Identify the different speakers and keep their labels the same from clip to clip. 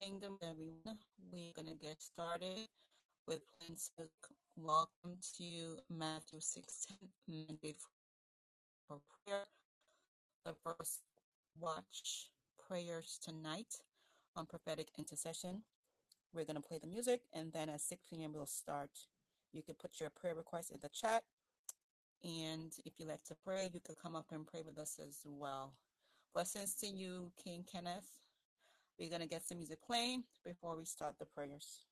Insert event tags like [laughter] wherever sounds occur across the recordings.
Speaker 1: Kingdom, everyone. We're going to get started with Prince. Welcome to Matthew 16, Mandate for Prayer, the first watch prayers tonight on prophetic intercession. We're going to play the music, and then at 6 p.m., we'll start. You can put your prayer request in the chat, and if you like to pray, you can come up and pray with us as well. Blessings to you, King Kenneth. We're going to get some music playing before we start the prayers.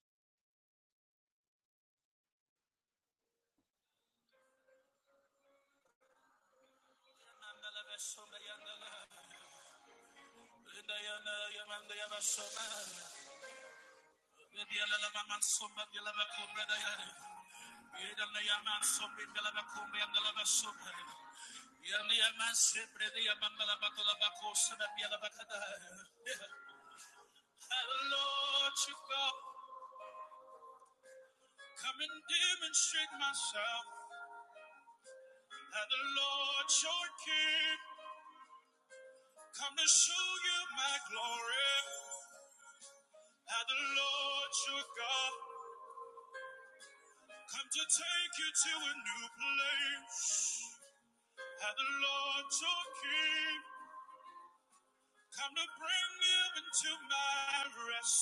Speaker 1: Lord, you go. Come and demonstrate myself. And the Lord your King. Come to show you my glory. And the Lord your God. Come to take you to a new place. Have the Lord your King. Come to bring you into my rest.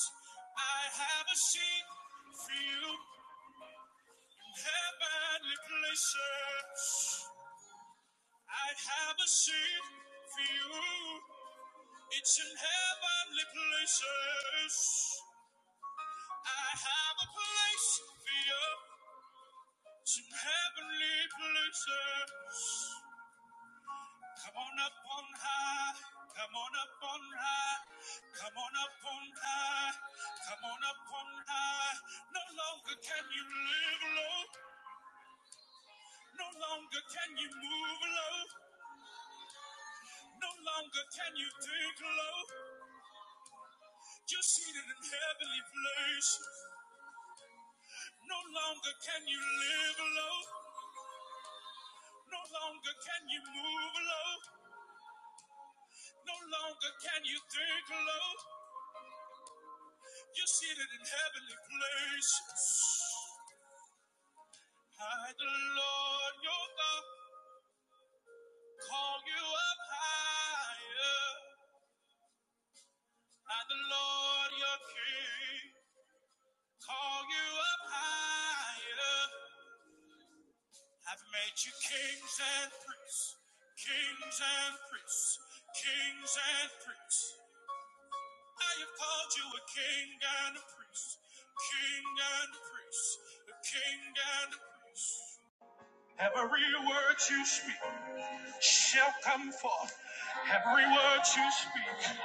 Speaker 1: I have a seat for you in heavenly places. I have a seat for you. It's in heavenly places. I have a place for you. It's in heavenly places. Come on up on high, come on up on high, come on up on high, come on up on high. No longer can you live low, no longer can you move low, no longer can you dig low. You're seated in heavenly place. No longer can you live low, no longer can you move low, no longer can you dig low. You're seated in heavenly places. I, the Lord your God, call you up higher. I, the Lord your King, call you up higher. I've made you kings and priests, kings and priests, kings and priests. I have called you a king and a priest, king and a priest, a king and a priest. Every word you speak. shall come forth. Every word you speak,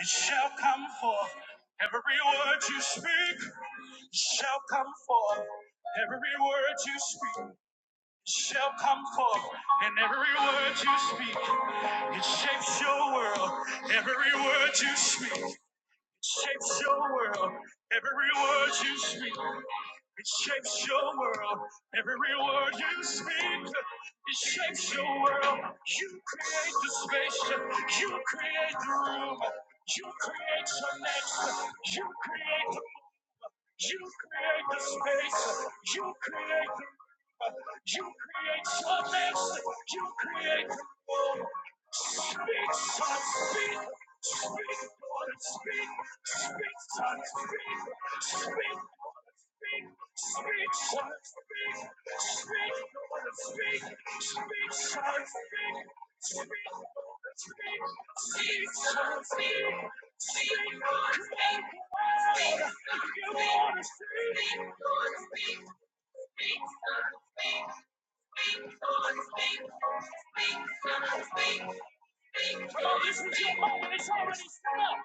Speaker 1: it shall come forth. Every word you speak shall come forth. Every word you speak shall come forth. And every word you speak, it shapes your world. Every word you speak shapes your world. Every word you speak, it shapes your world. Every word you speak, it shapes your world. You create the space, you create the room, you create your next, you create the you create the space. You create the room. You create softness. You create the room. Speak, son, speak. Speak, daughter, speak. Speak, son, speak. Speak, daughter, speak. Speak, son, speak. Speak, speak, speak, son, speak, speak, speak, speak, son, speak, speak, Lord, speak, speak, you want to speak, speak, Lord, speak, speak, son, speak, speak, Lord, speak, speak, son, speak, speak, Lord, this is your moment, it's already set up.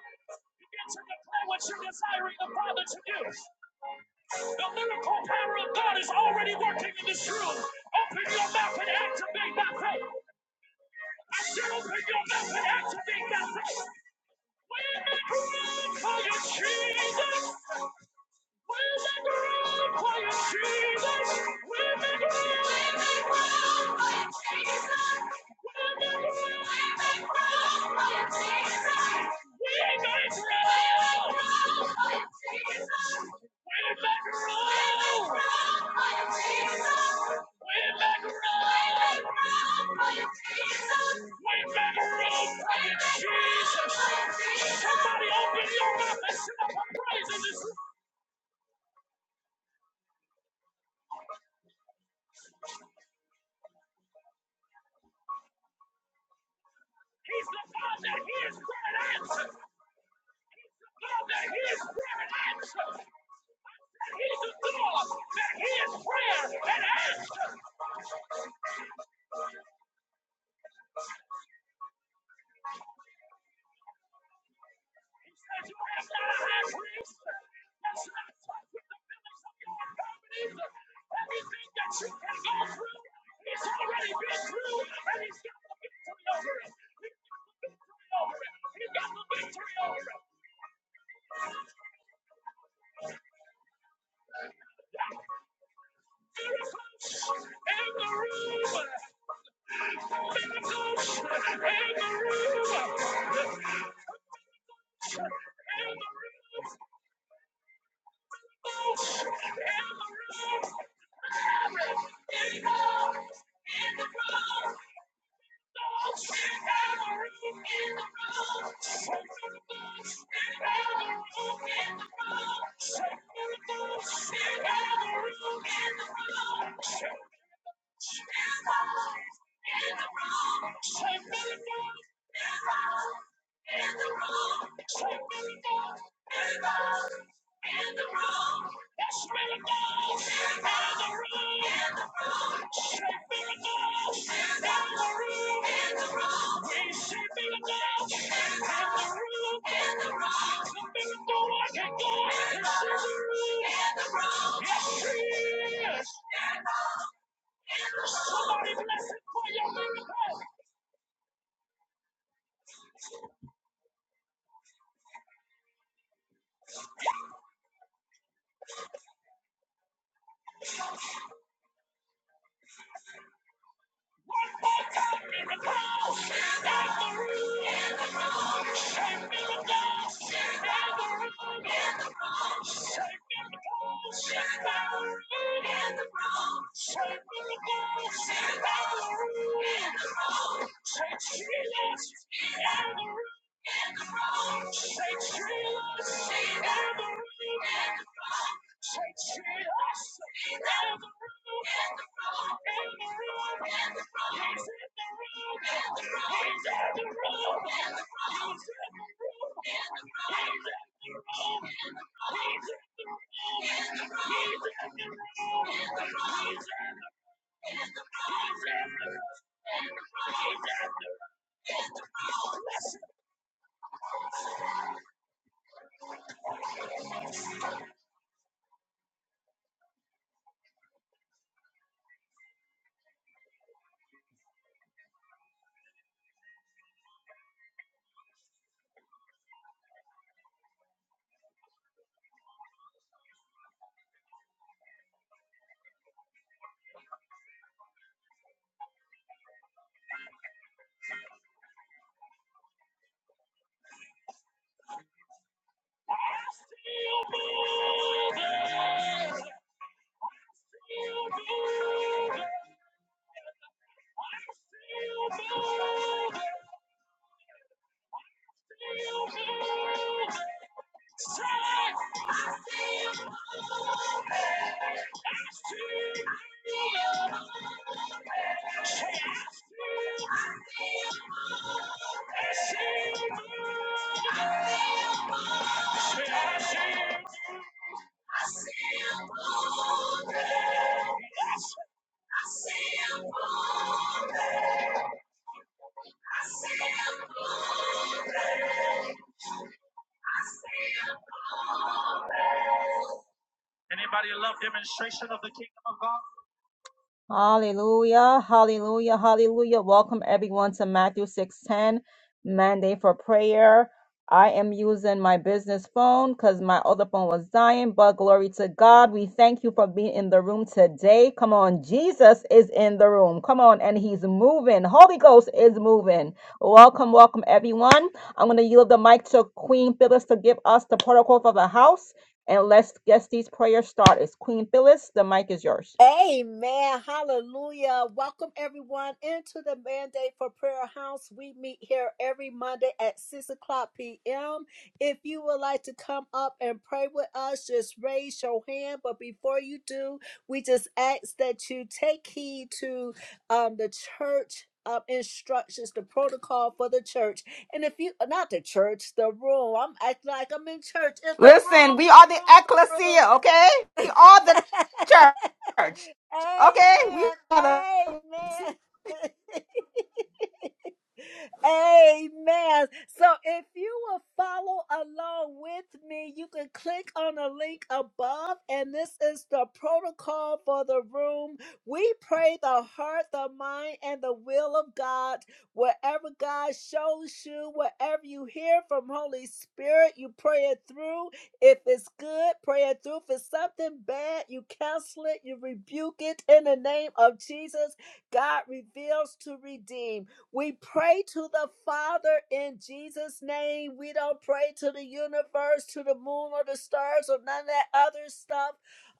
Speaker 1: You get to declare what you're desiring the Father to do. The miracle power of God is already working in this room. Open your mouth and activate that faith. I said, open your mouth and activate that faith. We're not room for you, Jesus. We're not room for you, Jesus. We're not room for you, Jesus. We ain't got it wrong. We're not room for you, Jesus. Somebody open your mouth and sit up and pray. He's the God that hears prayer and answers. God that hears prayer and answers. He's the God that hears prayer and answers. He says you have not a high priest. That's not touched with the feelings of your infirmities. Everything that you can go through, he's already been through, and he's got the victory over it. He's got the victory over it. He's got the victory over it. Miracles in the room. In the room, That's really good. That's good. Shadow in the room. Church, she lives in the room. Anybody love demonstration of the kingdom of God? Hallelujah, hallelujah, hallelujah. Welcome everyone to Matthew 6:10 mandate for prayer. I am using my business phone cuz my other phone was dying, but glory to God. We thank you for being in the room today. Come on, Jesus is in the room. Come on, and he's moving. Holy Ghost is moving. Welcome, welcome everyone. I'm going to yield the mic to Queen Phyllis to give us the protocol for the house and let's get these prayers started. Queen Phyllis, the mic is yours.
Speaker 2: Amen. Hallelujah. Welcome everyone into the Mandate for Prayer House. We meet here every Monday at 6 o'clock p.m. If you would like to come up and pray with us, just raise your hand. But before you do, we just ask that you take heed to um, the church. Um, instructions, the protocol for the church, and if you not the church, the room. I'm acting like I'm in church. It's the
Speaker 3: Listen,
Speaker 2: room,
Speaker 3: we are the
Speaker 2: the room,
Speaker 3: ecclesia, okay? We are the
Speaker 2: the room. [laughs]
Speaker 3: church, okay? We
Speaker 2: Amen.
Speaker 3: are the.
Speaker 2: Amen. [laughs] Amen. So if you will follow along with me, you can click on the link above, and this is the protocol for the room. We pray the heart, the mind, and the will of God. Wherever God shows you, wherever you hear from Holy Spirit, you pray it through. If it's good, pray it through. If it's something bad, you cancel it, you rebuke it in the name of Jesus. God reveals to redeem. We pray to the Father in Jesus' name. We don't pray to the universe, to the moon, or the stars, or none of that other stuff.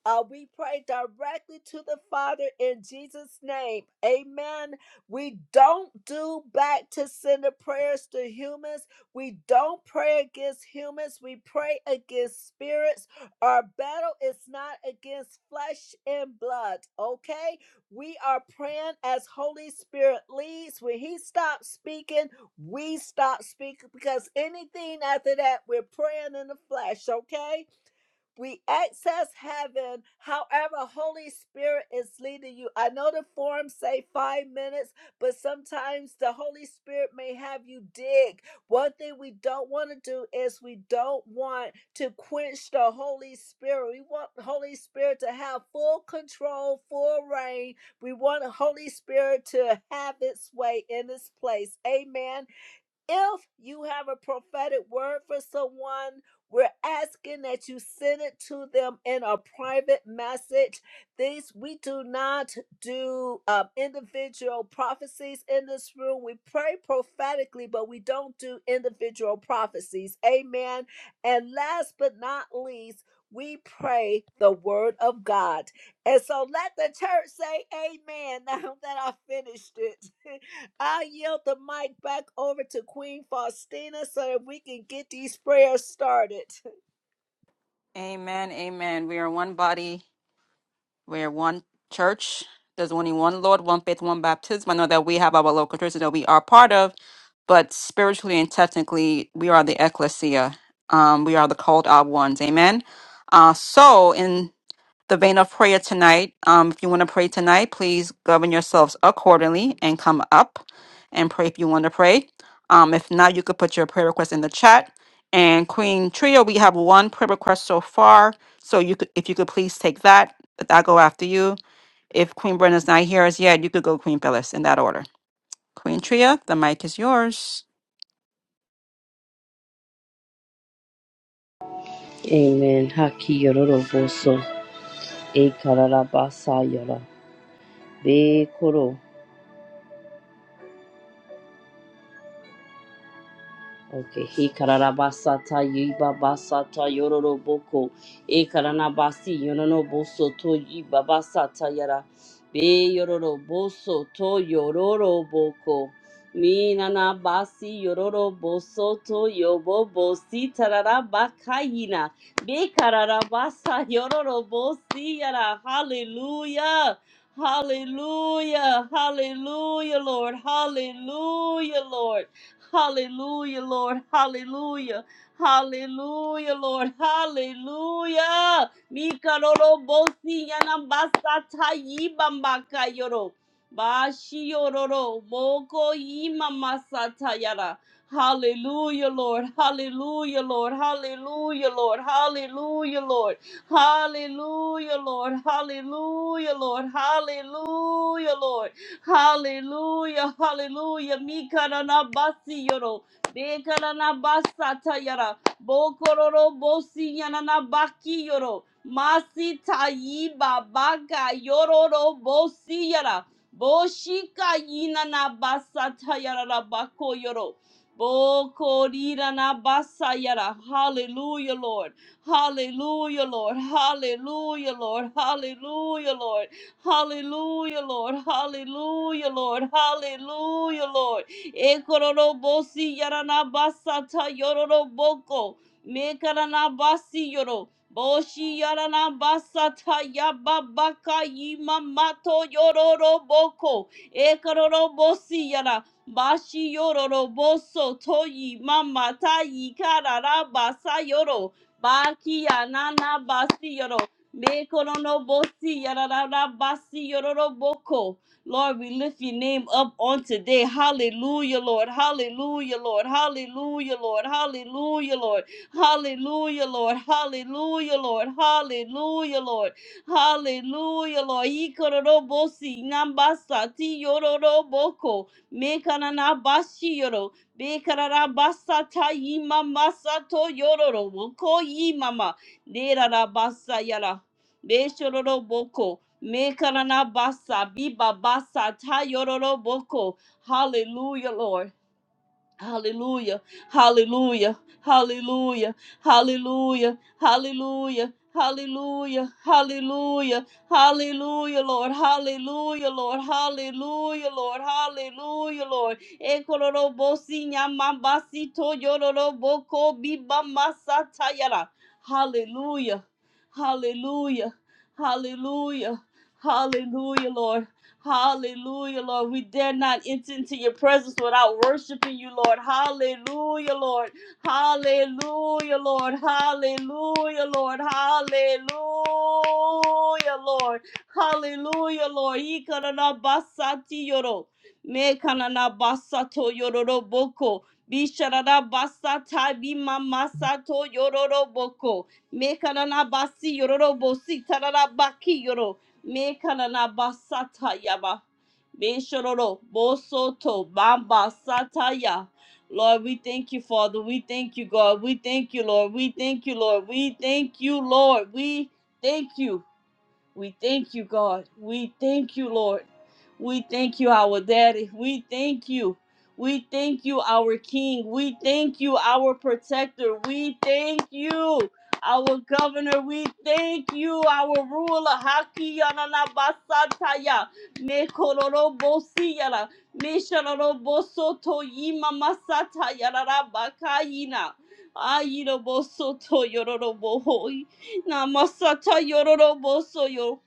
Speaker 2: Uh, we pray directly to the Father in Jesus' name. Amen. We don't do back to sender prayers to humans. We don't pray against humans. We pray against spirits. Our battle is not against flesh and blood. Okay? We are praying as Holy Spirit leads. When He stops speaking, we stop speaking because anything after that, we're praying in the flesh, okay? we access heaven however holy spirit is leading you i know the forms say five minutes but sometimes the holy spirit may have you dig one thing we don't want to do is we don't want to quench the holy spirit we want holy spirit to have full control full reign we want holy spirit to have its way in this place amen if you have a prophetic word for someone, we're asking that you send it to them in a private message. These we do not do um, individual prophecies in this room. We pray prophetically, but we don't do individual prophecies. Amen. And last but not least, we pray the word of God. And so let the church say amen [laughs] now that I finished it. [laughs] I yield the mic back over to Queen Faustina so that we can get these prayers started.
Speaker 3: Amen, amen. We are one body, we are one church. There's only one Lord, one faith, one baptism. I know that we have our local churches that we are part of, but spiritually and technically, we are the ecclesia. Um, we are the called out ones, amen. Uh, so, in the vein of prayer tonight. Um, if you want to pray tonight, please govern yourselves accordingly and come up and pray if you want to pray. Um, if not, you could put your prayer request in the chat. And Queen Trio, we have one prayer request so far. So you could, if you could please take that, that i go after you. If Queen Brenna's not here as yet, you could go Queen Phyllis in that order. Queen Tria, the mic is yours.
Speaker 4: Amen. Haki yororo boso. E kararabasa yara Be koro. Okay, he kararabasata yiba basata yororoboko. E karanabasi yononoboso to yiba basata yara. Be yororoboso to yororoboko. Mi nanabasi yororoboso to yobobosi tararabakayina. Be kararabasa yororobosi yara. Hallelujah. Hallelujah. Hallelujah, Lord. Hallelujah, Lord. Hallelujah, Lord. Hallelujah. Hallelujah, Lord. Hallelujah. Mikaroro bosi yanambasa ta yibambaka yoro. Bashi yororo moko imamasata yara. Hallelujah, Lord. Hallelujah, Lord. Hallelujah, Lord. Hallelujah, Lord. Hallelujah, Lord. Hallelujah, Lord. Hallelujah, Lord. Hallelujah, hallelujah. Mikarana basi yoro. Bekarana basata yara. Bokororo bosi yanana baki yoro. Masi tayiba baka yororo bosi yara. Boshika yinana basata yara bako yoro. Bokorirana basa yara. Hallelujah, Lord. Hallelujah, Lord. Hallelujah, Lord. Hallelujah, Lord. Hallelujah, Lord. Hallelujah, Lord. Hallelujah, Lord. Ekororobosi yaranabasata yororoboko. Mekaranabasi yoro. Boshi yaranabasata yababaka yimamato yororoboko. Ekororobosi yara. Bashi yororoboso toyi mamata yikararabasa yoro. Baki yananabasi yoro. Mekoronobosi, yararabasi, yororoboko. Lord, we lift your name up on today. Hallelujah, Lord. Hallelujah, Lord. Hallelujah, Lord. Hallelujah, Lord. Hallelujah, Lord. Hallelujah, Lord. Hallelujah, Lord. Hallelujah, Lord. Ikororobosi, nambasa, ti yororoboko. Mekananabashi yoro. Bekararabasa ta yimamasa to yororoboko yimama. Nera rabasa Beshororo boko. Mekarana basa. Biba basa. Tayororo boko. Hallelujah, Lord. Hallelujah. Hallelujah. Hallelujah. Hallelujah. Hallelujah. Hallelujah. Hallelujah. Hallelujah, Lord. Hallelujah, Lord. Hallelujah, Lord. Hallelujah, Lord. Ekororobo sinyamabasito yororoboko bibamasatayara. Hallelujah. Hallelujah. Hallelujah. Hallelujah, Lord. Hallelujah, Lord. We dare not enter into your presence without worshiping you, Lord. Hallelujah, Lord. Hallelujah, Lord. Hallelujah, Lord. Hallelujah, Lord. Hallelujah, Lord. Ikarana basati yoro. Me kanana basato yororo boko. Bisharada basata bima masato yororo boko. Me kanana basi yororo bosi tarara baki yoro. Mekananabasatayaba. Beshororo, Bosoto, Bamba, Sataya. Lord, we thank you, Father. We thank you, God. We thank you, Lord. We thank you, Lord. We thank you, Lord. We thank you. We thank you, God. We thank you, Lord. We thank you, our daddy. We thank you. We thank you, our king. We thank you, our protector. We thank you, our governor. We thank you, our ruler. Haki yanana basataya. Me kororo bosi yala. Me shararo bosoto yima masata yarara bakayina. Ayiro bosoto yororo bohoi. Namasata yororobosoyo.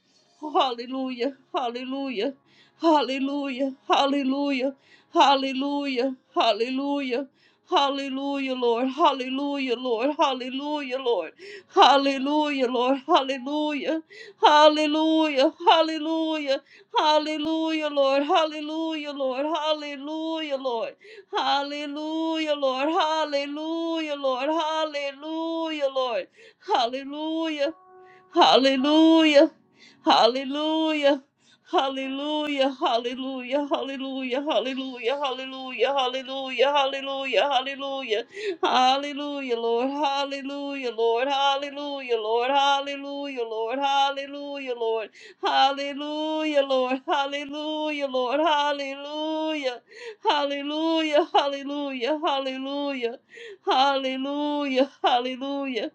Speaker 4: Hallelujah, hallelujah, hallelujah, hallelujah, hallelujah, hallelujah. Hallelujah, Lord. Hallelujah, Lord. Hallelujah, Lord. Hallelujah, Lord. Hallelujah. Hallelujah. Hallelujah. Hallelujah, Lord. Hallelujah, Lord. Hallelujah, Lord. Hallelujah, Lord. Hallelujah, Lord. Hallelujah, Lord. Hallelujah. Hallelujah. Hallelujah. Hallelujah. Hallelujah. Hallelujah. Hallelujah. Hallelujah. Hallelujah. Hallelujah. Hallelujah. Hallelujah, Lord. Hallelujah, Lord. Hallelujah, Lord. Hallelujah, Lord. Hallelujah, Lord. Hallelujah, Lord. Hallelujah, Lord. Hallelujah. Hallelujah. Hallelujah. Hallelujah. Hallelujah. Hallelujah.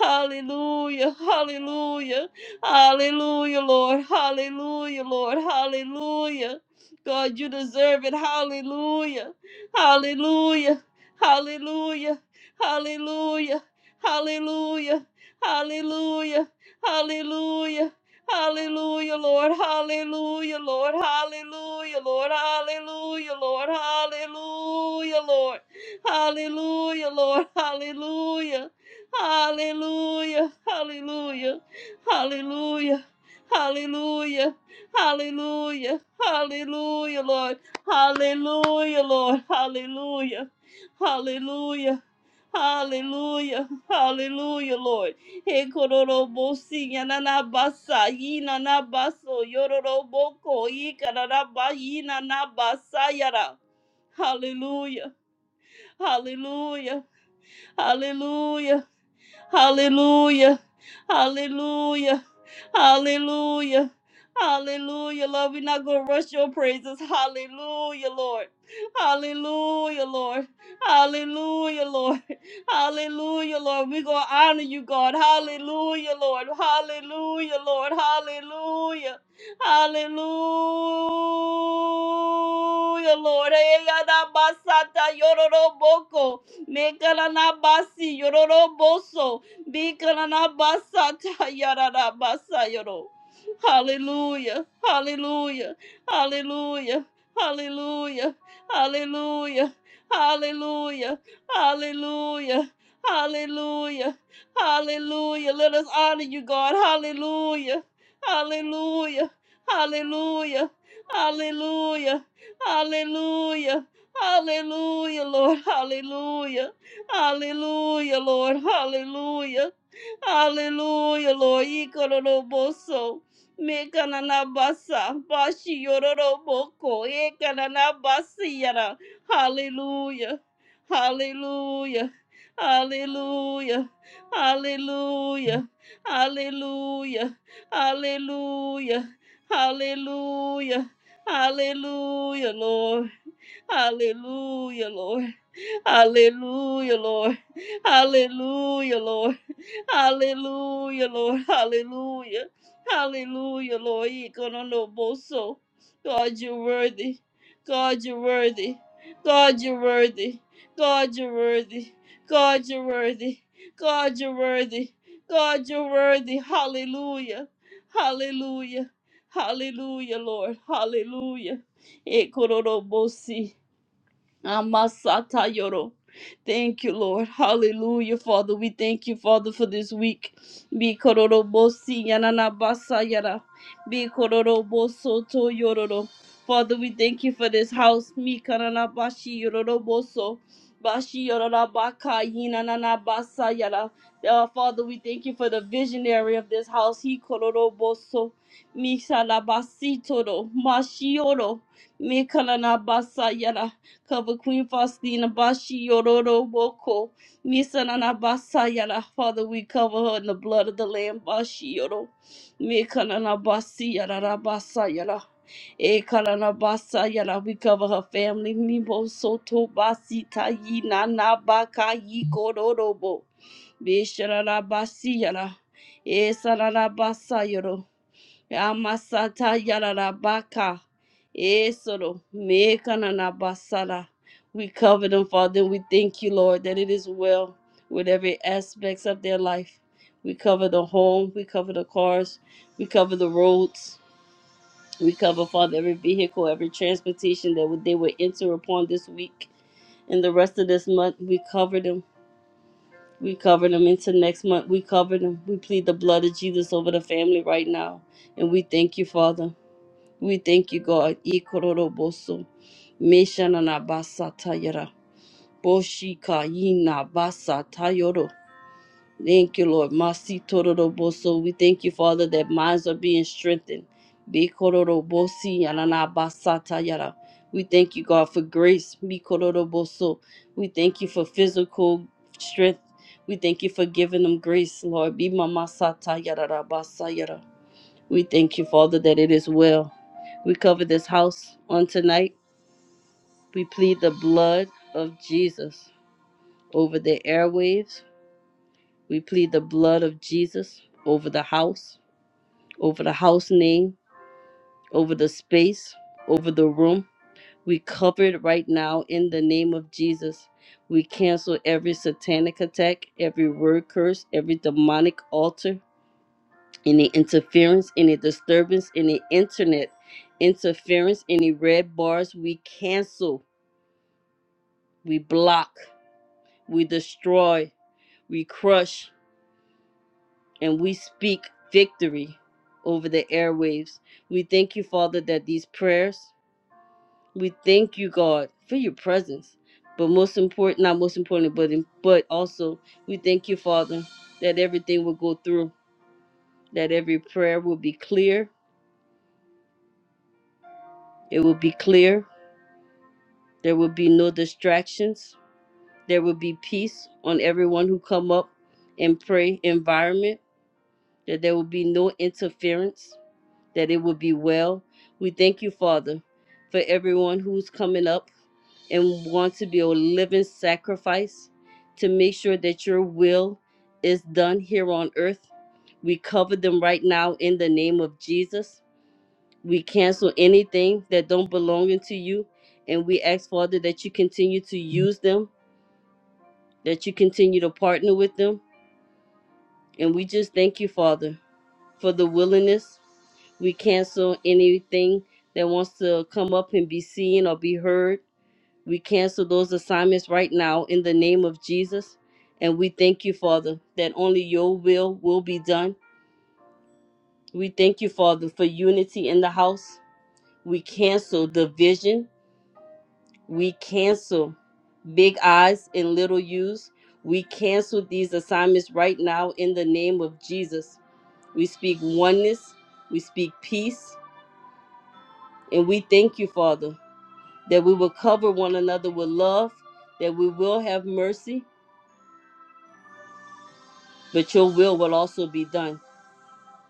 Speaker 4: Hallelujah. Hallelujah. Hallelujah, Lord. Hallelujah, Lord. Hallelujah. God, you deserve it. Hallelujah. Hallelujah. Hallelujah. Hallelujah. Hallelujah. Hallelujah. Hallelujah. Hallelujah, Lord. Hallelujah, Lord. Hallelujah, Lord. Hallelujah, Lord. Hallelujah, Lord. Hallelujah, Lord. Hallelujah. Hallelujah, hallelujah, hallelujah, hallelujah, hallelujah, hallelujah, Lord, hallelujah, Lord, hallelujah, hallelujah. Hallelujah, hallelujah, Lord. He kororo bosi yanana basa yina na baso yororo boko ikarara ba yina na basa yara. Hallelujah, hallelujah, hallelujah, Hallelujah. Hallelujah. Hallelujah. Hallelujah, Lord. We're not going to rush your praises. Hallelujah, Lord. Hallelujah, Lord. Hallelujah, Lord. Hallelujah, Lord. We're going to honor you, God. Hallelujah, Lord. Hallelujah, Lord. Hallelujah. Hallelujah, Lord. Hey, yada basata yororoboko. Mekalanabasi yororo boso. Bikalanabasa tayarabasa yoro. Hallelujah. Hallelujah. Hallelujah. Hallelujah. Hallelujah. Hallelujah. Hallelujah. Hallelujah. Hallelujah. Let us honor you, God. Hallelujah. Hallelujah. Hallelujah. Hallelujah. Hallelujah. Hallelujah, Lord. Hallelujah. Hallelujah, Lord. Hallelujah. Hallelujah, Lord. Ikororoboso. Mekananabasa. Bashi yororoboko. Ekananabasiyara. Hallelujah. Hallelujah. Hallelujah. Hallelujah. Hallelujah. Hallelujah. Hallelujah. Hallelujah, Lord. Hallelujah, Lord. Hallelujah, Lord. Hallelujah, Lord. Hallelujah, Lord. Hallelujah. Hallelujah, Lord. Ikononoboso. God, you're worthy. God, you're worthy. God, you're worthy. God, you're worthy. God, you're worthy. God, you're worthy. God, you're worthy. Hallelujah. Hallelujah. Hallelujah, Lord. Hallelujah. E kono no bosi. Amasata Yoro. Thank you, Lord. Hallelujah, Father. We thank you, Father, for this week. Be kororobosi basa yara. Be kororo boso to yororo. Father, we thank you for this house. Mi karanabashi yororoboso. Bashi yororabaka yinanabasa yara. Uh, Father, we thank you for the visionary of this house. He kororo boso. Mi salabasi toro. Mashi yoro. Mi kanana basa yara. Cover Queen Faustina Bashi Yororo Boko. Nisanana Basayara. Father, we cover her in the blood of the Lamb. Bashi Yoro. Mekanana Basi Yarara Basayara. Ekanana Basayara. We cover her family. Mibo Soto Basi Tayi Nana Baka Yikororo Bo. Besharara Basiyara. Esarara Basayoro. Yamasata Yararabaka. Esoro Mekananabasara. We cover them, Father. We thank you, Lord, that it is well with every aspects of their life. We cover the home, we cover the cars, we cover the roads, we cover, Father, every vehicle, every transportation that would- they would enter upon this week and the rest of this month. We cover them. We cover them into next month. We cover them. We plead the blood of Jesus over the family right now. And we thank you, Father. We thank you, God. Ikororoboso. Meshananabasatayara. Boshika yinabasa tayoro. Thank you, Lord. Masitororoboso. We thank you, Father, that minds are being strengthened. Bikororobosi yananabasa tayara. We thank you, God, for grace. Mikororoboso. We thank you for physical strength. We thank you for giving them grace, Lord. Be mama sata yara rabasa yara. We thank you, Father, that it is well. We cover this house on tonight. We plead the blood of Jesus over the airwaves. We plead the blood of Jesus over the house, over the house name, over the space, over the room. We cover it right now in the name of Jesus. We cancel every satanic attack, every word curse, every demonic altar any interference, any disturbance, any internet interference, any red bars, we cancel, we block, we destroy, we crush, and we speak victory over the airwaves. We thank you, Father, that these prayers, we thank you, God, for your presence. But most important, not most importantly, but in- but also, we thank you, Father, that everything will go through, that every prayer will be clear. It will be clear There will be no distractions. There will be peace on everyone who come up and pray environment. That there will be no interference. That it will be well. We thank you, Father, for everyone who's coming up and want to be a living sacrifice to make sure that your will is done here on earth. We cover them right now in the name of Jesus. We cancel anything that don't belong into you, and we ask Father that you continue to use them, that you continue to partner with them, and we just thank you, Father, for the willingness. We cancel anything that wants to come up and be seen or be heard. We cancel those assignments right now in the name of Jesus, and we thank you, Father, that only your will will be done. We thank you, Father, for unity in the house. We cancel division We cancel big eyes and little U's. We cancel these assignments right now in the name of Jesus. We speak oneness, we speak peace, and we thank you, Father, that we will cover one another with love, that we will have mercy, but your will will also be done.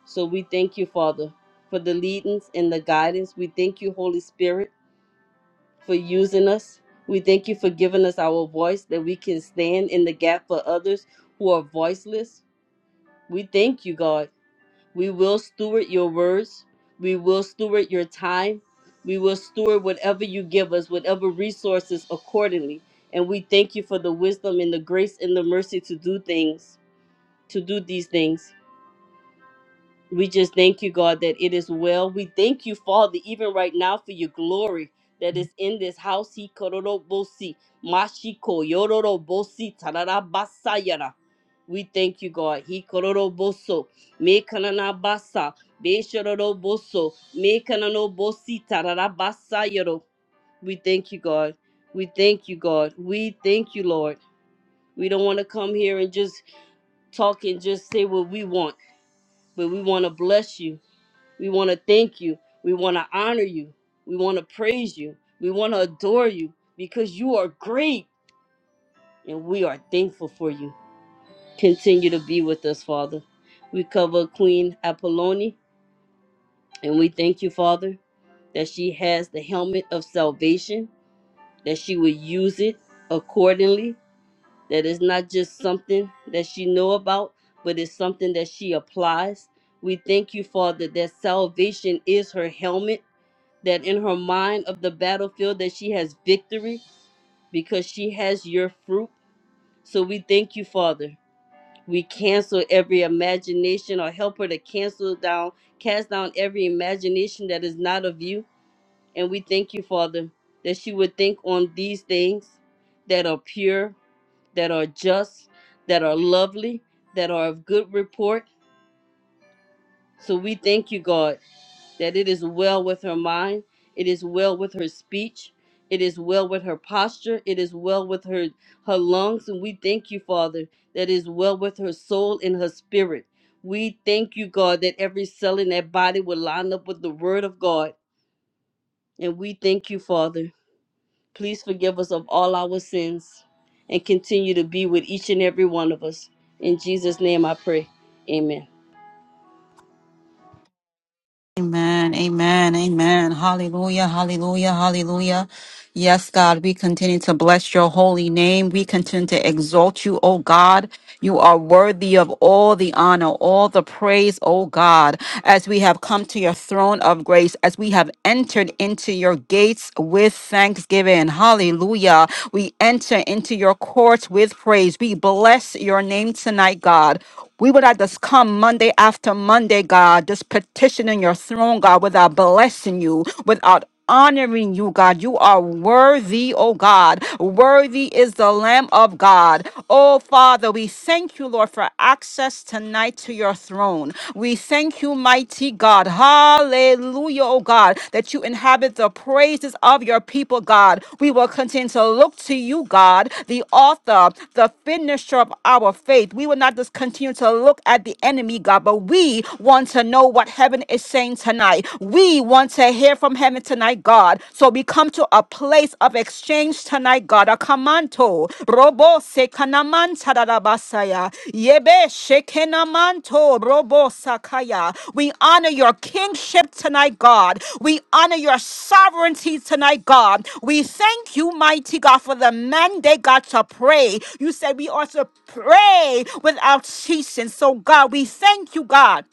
Speaker 4: So we thank you, Father, for the leadings and the guidance. We thank you, Holy Spirit for using us. We thank you for giving us our voice that we can stand in the gap for others who are voiceless. We thank you, God. We will steward your words. We will steward your time. We will steward whatever you give us, whatever resources accordingly. And we thank you for the wisdom and the grace and the mercy to do things, to do these things. We just thank you, God, that it is well. We thank you, Father, even right now for your glory that is in this house. He kororobosi, mashiko yororobosi, tararabasayara. We thank you, God. He kororoboso, me kananabasa, be shororoboso, me kananobosi, tararabasayaro. We thank you, God. We thank you, God. We thank you, Lord. We don't want to come here and just talk and just say what we want, but we want to bless you. We want to thank you. We want to honor you. We want to praise you. We want to adore you because you are great and we are thankful for you. Continue to be with us, Father. We cover Queen Apolloni and we thank you, Father, that she has the helmet of salvation, that she will use it accordingly, that it's not just something that she know about, but it's something that she applies. We thank you, Father, that salvation is her helmet that in her mind of the battlefield that she has victory because she has your fruit. So we thank you, Father. We cancel every imagination or help her to cancel down, cast down every imagination that is not of you. And we thank you, Father, that she would think on these things that are pure, that are just, that are lovely, that are of good report. So we thank you, God. that it is well with her mind, it is well with her speech, it is well with her posture, it is well with her her lungs, and we thank you, Father, that it is well with her soul and her spirit. We thank you, God, that every cell in that body will line up with the word of God. And we thank you, Father. Please forgive us of all our sins and continue to be with each and every one of us. In Jesus' name I pray. Amen.
Speaker 3: Amen, amen, amen. Hallelujah, hallelujah, hallelujah. Yes, God, we continue to bless your holy name. We continue to exalt you, oh God. You are worthy of all the honor, all the praise, oh God, as we have come to your throne of grace, as we have entered into your gates with thanksgiving. Hallelujah. We enter into your courts with praise. We bless your name tonight, God. We would not just come Monday after Monday, God, just petitioning your throne, God, without blessing you, without honoring you, God. You are worthy, oh God. Worthy is the Lamb of God. Oh Father, we thank you, Lord, for access tonight to your throne. We thank you, mighty God. Hallelujah, oh God, that you inhabit the praises of your people, God. We will continue to look to you, God, the author, the finisher of our faith. We will not just continue to look at the enemy, God, but we want to to know what heaven is saying tonight. We want to hear from heaven tonight, God. So we come to a place of exchange tonight, God. A kamanto. Robo se kanaman tadadabasaya. Yebe shekenamanto. Robo sakaya. We honor your kingship tonight, God. We honor your sovereignty tonight, God. We thank you, mighty God, for the mandate, God, to pray. You said we ought to pray without ceasing. So, God, we thank you, God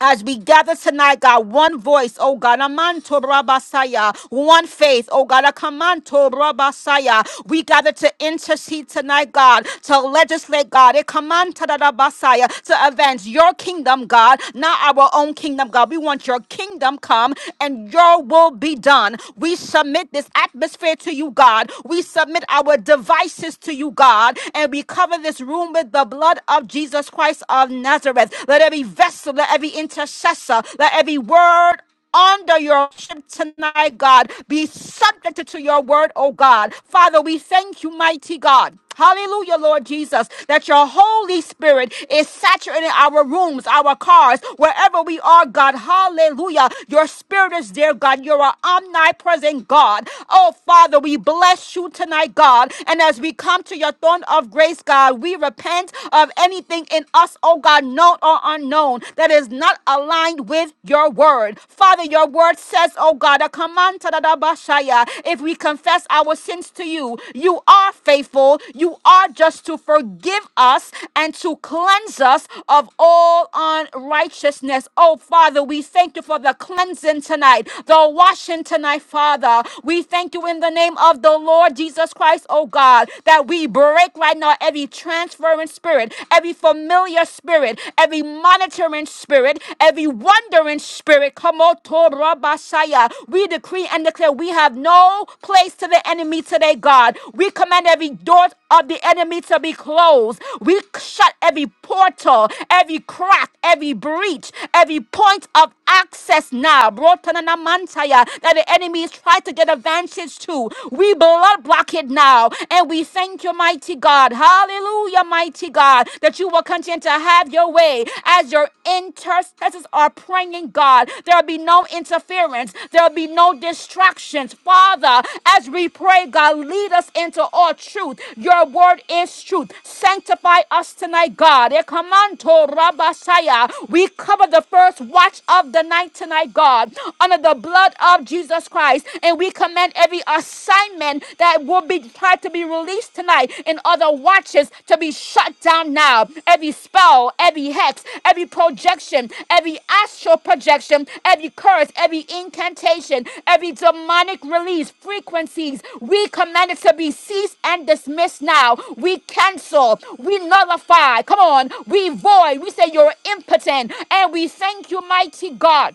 Speaker 3: as we gather tonight, God, one voice, oh God, amanto rabasaya, one faith, oh God, akamanto rabasaya. We gather to intercede tonight, God, to legislate, God, ekamanta rabasaya, to advance your kingdom, God, not our own kingdom, God. We want your kingdom come and your will be done. We submit this atmosphere to you, God. We submit our devices to you, God, and we cover this room with the blood of Jesus Christ of Nazareth. Let every vessel, let every intercessor, let every word under your ship tonight, God. Be subjected to your word, oh God. Father, we thank you, mighty God. Hallelujah, Lord Jesus, that your Holy Spirit is saturating our rooms, our cars, wherever we are, God. Hallelujah. Your Spirit is there, God. You're an omnipresent God. Oh, Father, we bless you tonight, God. And as we come to your throne of grace, God, we we repent of anything in us, oh God, known or unknown, that is not aligned with your word. Father, your word says, oh God, a command to the Dabashaya, if we confess our sins to you, you are faithful, you are just to forgive us and to cleanse us of all unrighteousness. Oh Father, we thank you for the cleansing tonight, the washing tonight, Father. We thank you in the name of the Lord Jesus Christ, oh God. God, that we break right now every transferring spirit, every familiar spirit, every monitoring spirit, every wandering spirit. Come on, Torah Basaya. We decree and declare we have no place to the enemy today, God. We command every door of the enemy to be closed. We shut every portal, every crack, every breach, every point of access now. Brotanana mantaya, That the enemy is trying to get advantage to you. We blood block it now. And we thank you, mighty God. Hallelujah, mighty God, that you will continue to have your way as your intercessors are praying, God. There'll be no interference, there'll be no distractions. Father, as we pray, God, lead us into all truth. Your word is truth. Sanctify us tonight, God. Ekamanto rabasaya. We cover the first watch of the night tonight, God, under the blood of Jesus. Jesus Christ. And we command every assignment that will be tried to be released tonight in other watches to be shut down now. Every spell, every hex, every projection, every astral projection, every curse, every incantation, every demonic release, frequencies, we command it to be ceased and dismissed now. We cancel, we nullify, come on, we void, we say you're impotent, and we thank you, mighty God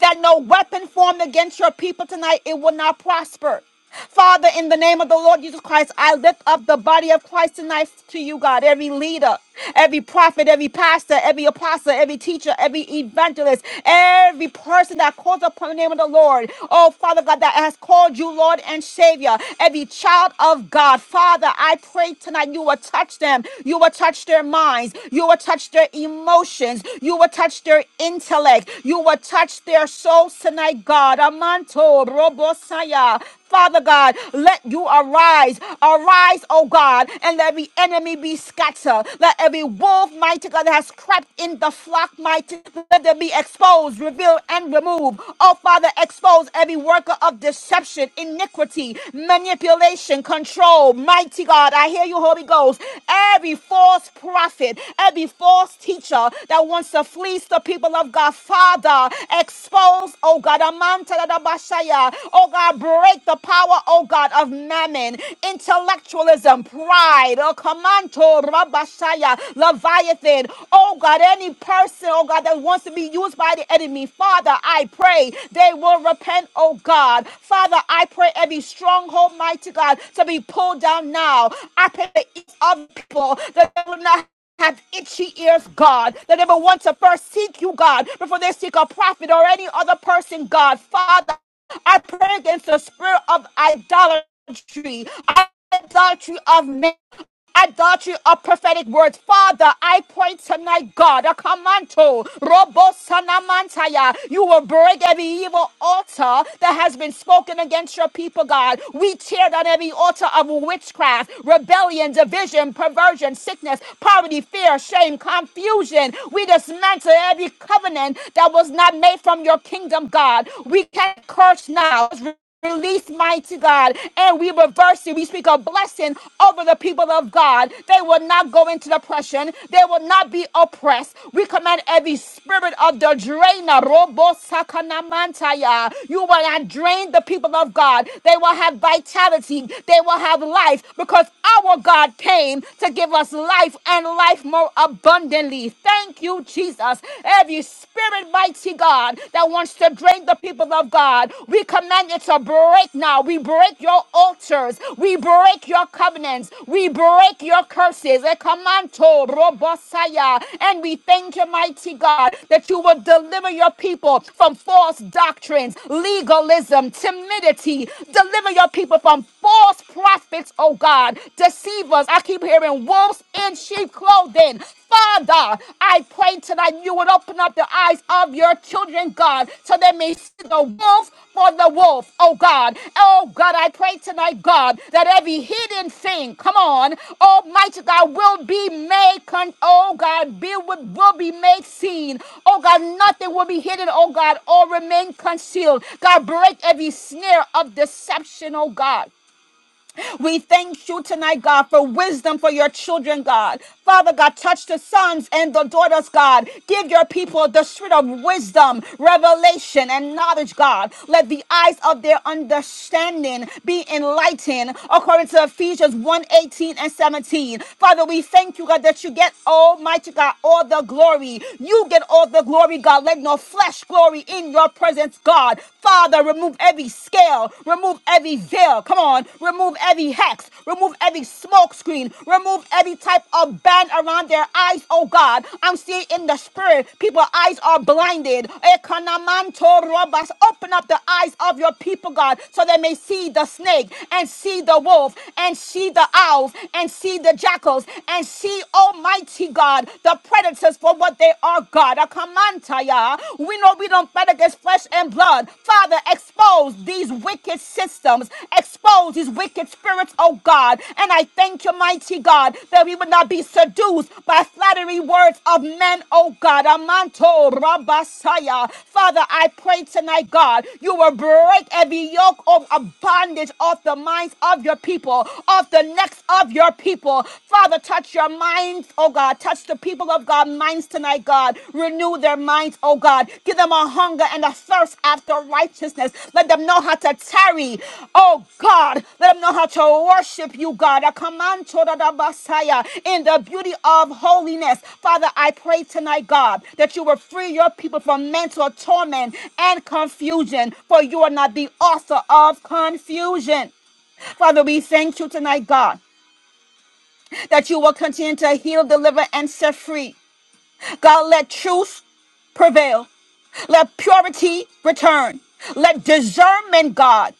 Speaker 3: that no weapon formed against your people tonight, it will not prosper. Father, in the name of the Lord Jesus Christ, I lift up the body of Christ tonight to you, God. Every leader, every prophet, every pastor, every apostle, every teacher, every evangelist, every person that calls upon the name of the Lord. Oh, Father God, that has called you Lord and Savior. Every child of God, Father, I pray tonight you will touch them. You will touch them touch their minds. You will touch their emotions. You will touch their intellect. You will touch their souls tonight, God. Amanto, Robosaya. Father God, let you arise. Arise, oh God, and let every enemy be scattered. Let every wolf, mighty God, that has crept in the flock, mighty, let them be exposed, revealed, and removed. Oh Father, expose every worker of deception, iniquity iniquity, manipulation, control. Mighty God, I hear you, Holy Ghost. Every false prophet, every false teacher that wants to fleece the people of God, Father, expose, oh God, Amanta da da Bashaya, oh God, break the power, oh God, of mammon, intellectualism, pride, oh Kamanto Rabashaya, Leviathan, oh God, any person, oh God, that wants to be to be used by the enemy. Father, I pray they will repent, oh God. Father, I pray every stronghold, mighty God, to be pulled down now. I pray the ears of the people that they will not have itchy ears, God, that they will want to first seek you, God, before they seek a prophet or any other person, God. Father, I pray against the spirit of idolatry, idolatry of men adultery of prophetic words. Father, I pray tonight, God, a commando, robo sanamantaya. You will break every evil altar that has been spoken against your people, God. We tear down every altar of witchcraft, rebellion, division, perversion, sickness, poverty, fear, shame, confusion. We dismantle every covenant that was not made from your kingdom, God. We can curse now release, mighty God, and we reverse it. We speak a blessing over the people of God. They will not go into depression, they will not be oppressed. We command every spirit of the drainer, robo sakanamantaya. You will not drain the people of God. They will have vitality, they will have life because our God came to give us life and life more abundantly. Thank you, Jesus. Every spirit spirit, mighty God, that wants to drain the people of God. We command it to break now. We break your altars. We break your covenants. We break your curses. Ekamanto robosaya. And we thank you, mighty God, that you will deliver your people from false doctrines, legalism, timidity. Deliver your people from false prophets, oh God, deceivers. I keep hearing wolves in sheep clothing. Father, I pray tonight you would open up the eyes of your children, God, so they may see the wolf for the wolf, oh God. Oh God, I pray tonight, God, that every hidden thing, come on, Almighty God, will be made, con- oh God, be, will, will be made seen. Oh God, nothing will be hidden, oh God, or remain concealed. God, break every snare of deception, oh God. We thank you tonight, God, for wisdom for your children, God. Father God, touch the sons and the daughters, God. Give your people the spirit of wisdom, revelation, and knowledge, God. Let the eyes of their understanding be enlightened according to Ephesians one eighteen and 17. Father, we thank you, God, that you get almighty God all the glory. You get all the glory, God. Let no flesh glory in your presence, God. Father, Father, remove every scale, remove every veil. Come on, remove every hex, remove every smoke screen, remove every type of band around their eyes, oh God. I'm seeing in the spirit, people's eyes are blinded. Ekanamanto robas. Open up the eyes of your people, God, so they may see the snake and see the wolf and see the owls and see the jackals and see, Almighty God, the predators for what they are, God. Kamantaya. We know we don't fight against flesh and blood. Father, expose these wicked systems, expose these wicked spirits, oh God. And I thank you, mighty God, that we would not be seduced by flattery words of men, oh God. Amanto Rabasaya. Father, I pray tonight, God, you will break every yoke of of bondage off the minds of your people, off the necks of your people. Father, touch Touch your minds, oh God. Touch the people of God minds tonight, God. Renew their minds, oh God. Give them a hunger and a thirst after righteousness. Let them know how to tarry, oh God. Let them know how to worship you, God. I command to the Messiah in the beauty of holiness. Father, I pray tonight, God, that you will free your people from mental torment and confusion, for you are not the author of confusion. Father, we thank you tonight, God that you will continue to heal, deliver, and set free. God, let truth prevail. Let purity return. Let discernment, God,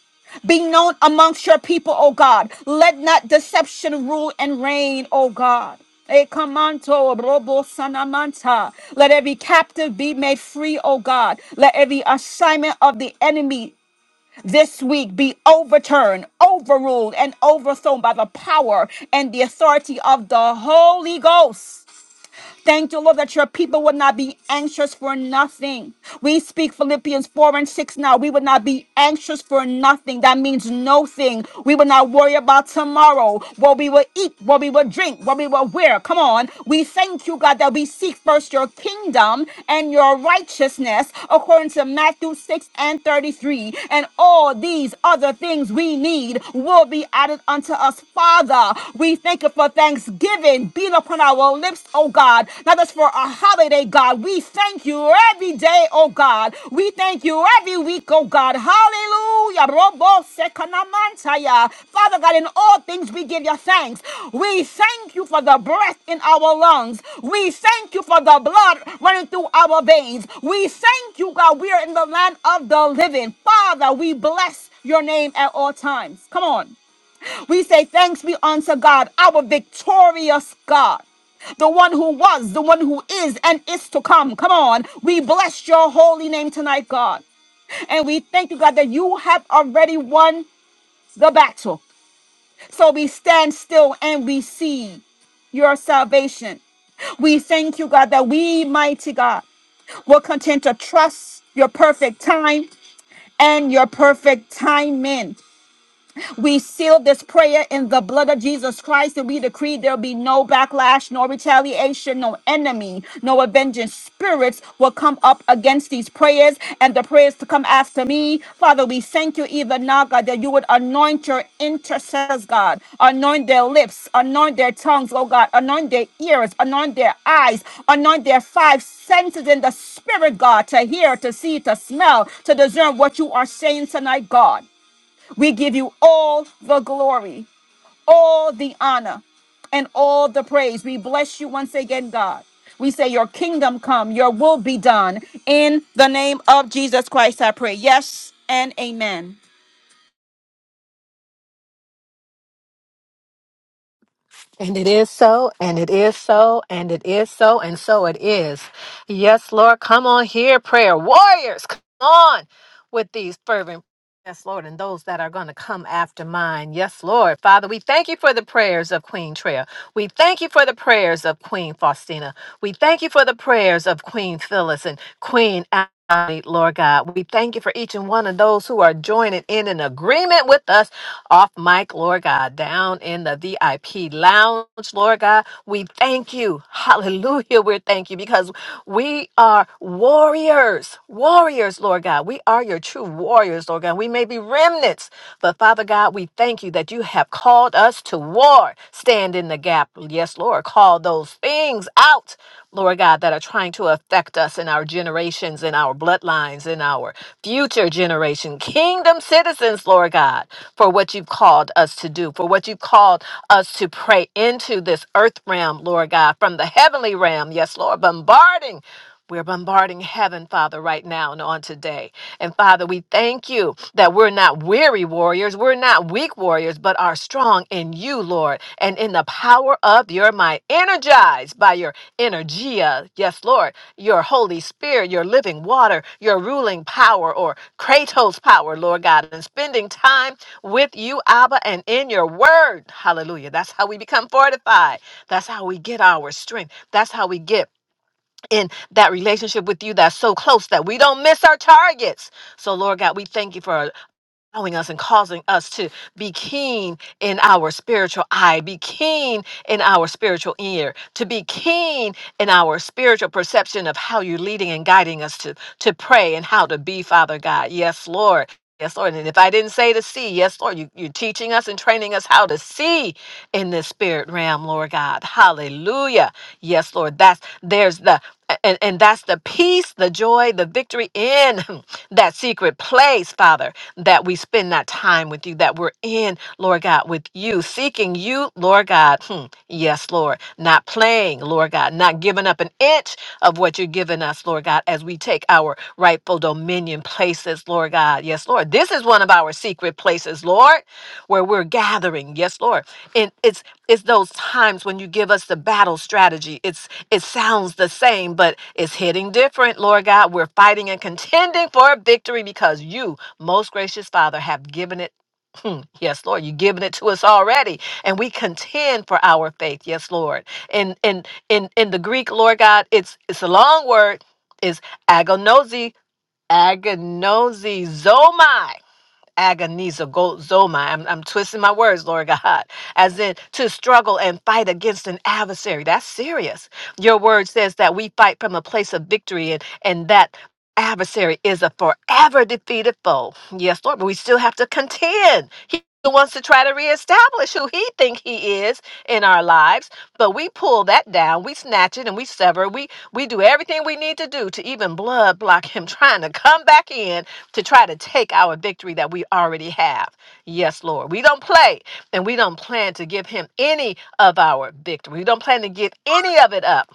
Speaker 3: be known amongst your people, O God. Let not deception rule and reign, O God. Eh, kamanto, robo sanamanta. Let every captive be made free, O God. Let every assignment of the enemy this week be overturned, overruled, and overthrown by the power and the authority of the Holy Ghost. Thank you, Lord, that your people will not be anxious for nothing. We speak Philippians 4 and 6 now. We will not be anxious for nothing. That means no thing. We will not worry about tomorrow, what we will eat, what we will drink, what we will wear. Come on. We thank you, God, that we seek first your kingdom and your righteousness, according to Matthew 6 and 33. And all these other things we need will be added unto us. Father, we thank you for thanksgiving being upon our lips, oh God. Not just for a holiday, God. We thank you every day, oh God. We thank you every week, oh God. Hallelujah. Robo sekanamantaya. Father God, in all things we give you thanks. We thank you for the breath in our lungs. We thank you for the blood running through our veins. We thank you, God. We are in the land of the living. Father, we bless your name at all times. Come on. We say, Thanks be unto God, our victorious God. The one who was, the one who is, and is to come. Come on. We bless your holy name tonight, God. And we thank you, God, that you have already won the battle. So we stand still and we see your salvation. We thank you, God, that we, mighty God, will continue to trust your perfect time and your perfect timing. We seal this prayer in the blood of Jesus Christ and we decree there'll be no backlash, no retaliation, no enemy, no avenging spirits will come up against these prayers and the prayers to come after me. Father, we thank you even now, God, that you would anoint your intercessors, God. Anoint their lips, anoint their tongues, oh God. Anoint their ears, anoint their eyes, anoint their five senses in the spirit, God, to hear, to see, to smell, to discern what you are saying tonight, God. We give you all the glory, all the honor, and all the praise. We bless you once again, God. We say, Your kingdom come, your will be done. In the name of Jesus Christ, I pray. Yes and amen.
Speaker 5: And it is so, and it is so, and it is so, and so it is. Yes, Lord, come on here, prayer warriors, come on with these fervent Yes, Lord, and those that are going to come after mine. Yes, Lord. Father, we thank you for the prayers of Queen Trail. We thank you for the prayers of Queen Faustina. We thank you for the prayers of Queen Phyllis and Queen Ashley, Lord God. We thank you for each and one of those who are joining in an agreement with us off mic, Lord God, down in the VIP lounge, Lord God. We thank you. Hallelujah. We thank you because we are warriors, warriors, Lord God. We are your true warriors, Lord God. We may be remnants, but Father God, we thank you that you have called us to war. Stand in the gap. Yes, Lord. Call those things out, Lord God, that are trying to affect us in our generations, in our bloodlines, in our future generation. Kingdom citizens, Lord God, for what you've called us to do, for what you've called us to pray into this earth realm, Lord God, from the heavens heavenly realm. Yes, Lord, bombarding. We're bombarding heaven, Father, right now and on today. And Father, we thank you that we're not weary warriors, we're not weak warriors, but are strong in you, Lord, and in the power of your might, energized by your energia. Yes, Lord, your Holy Spirit, your living water, your ruling power, or Kratos power, Lord God, and spending time with you, Abba, and in your word. Hallelujah. That's how we become fortified. That's how we get our strength. That's how we get in that relationship with you that's so close that we don't miss our targets. So, Lord God, we thank you for allowing us and causing us to be keen in our spiritual eye, be keen in our spiritual ear, to be keen in our spiritual perception of how you're leading and guiding us to, to pray and how to be, Father God. Yes, Lord. Yes, Lord. And if I didn't say to see, yes, Lord, you, you're teaching us and training us how to see in this spirit realm, Lord God. Hallelujah. Yes, Lord. That's there's the and, and that's the peace, the joy, the victory in [laughs] [clears throat] that secret place, Father that we spend that time with you, that we're in, Lord God, with you, seeking you, Lord God. Hmm. Yes, Lord. Not playing, Lord God, not giving up an inch of what you're giving us, Lord God, as we take our rightful dominion places, Lord God. Yes, Lord. This is one of our secret places, Lord, where we're gathering. Yes, Lord. And it's it's those times when you give us the battle strategy. It's it sounds the same, but it's hitting different, Lord God. We're fighting and contending for victory because you most gracious Father, have given it. Hmm, Yes, Lord, you've given it to us already, and we contend for our faith. Yes, Lord. In in in in the Greek, Lord God, it's it's a long word. Is agonosi, agonosi, agonizomai. I'm, I'm twisting my words, Lord God, as in to struggle and fight against an adversary. That's serious. Your word says that we fight from a place of victory and, and that adversary is a forever defeated foe. Yes, Lord, but we still have to contend. He wants to try to reestablish who he think he is in our lives, but we pull that down, we snatch it and we sever. We we do everything we need to do to even blood block him [laughs] trying to come back in to try to take our victory that we already have. Yes, Lord. We don't play and we don't plan to give him any of our victory. We don't plan to give any of it up.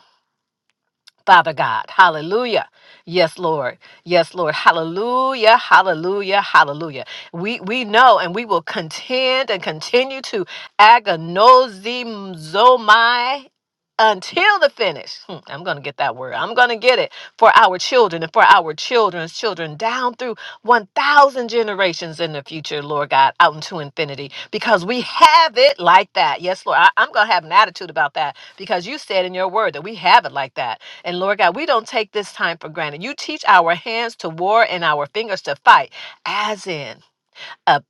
Speaker 5: Father God. Hallelujah. Yes, Lord. Yes, Lord. Hallelujah. Hallelujah. Hallelujah. We we know and we will contend and continue to agonosizomai until the finish. Hmm, I'm going to get that word. I'm going to get it for our children and for our children's children down through 1,000 generations in the future, Lord God, out into infinity because we have it like that. Yes, Lord. I, I'm going to have an attitude about that because you said in your word that we have it like that. And Lord God, we don't take this time for granted. You teach our hands to war and our fingers to fight, as in a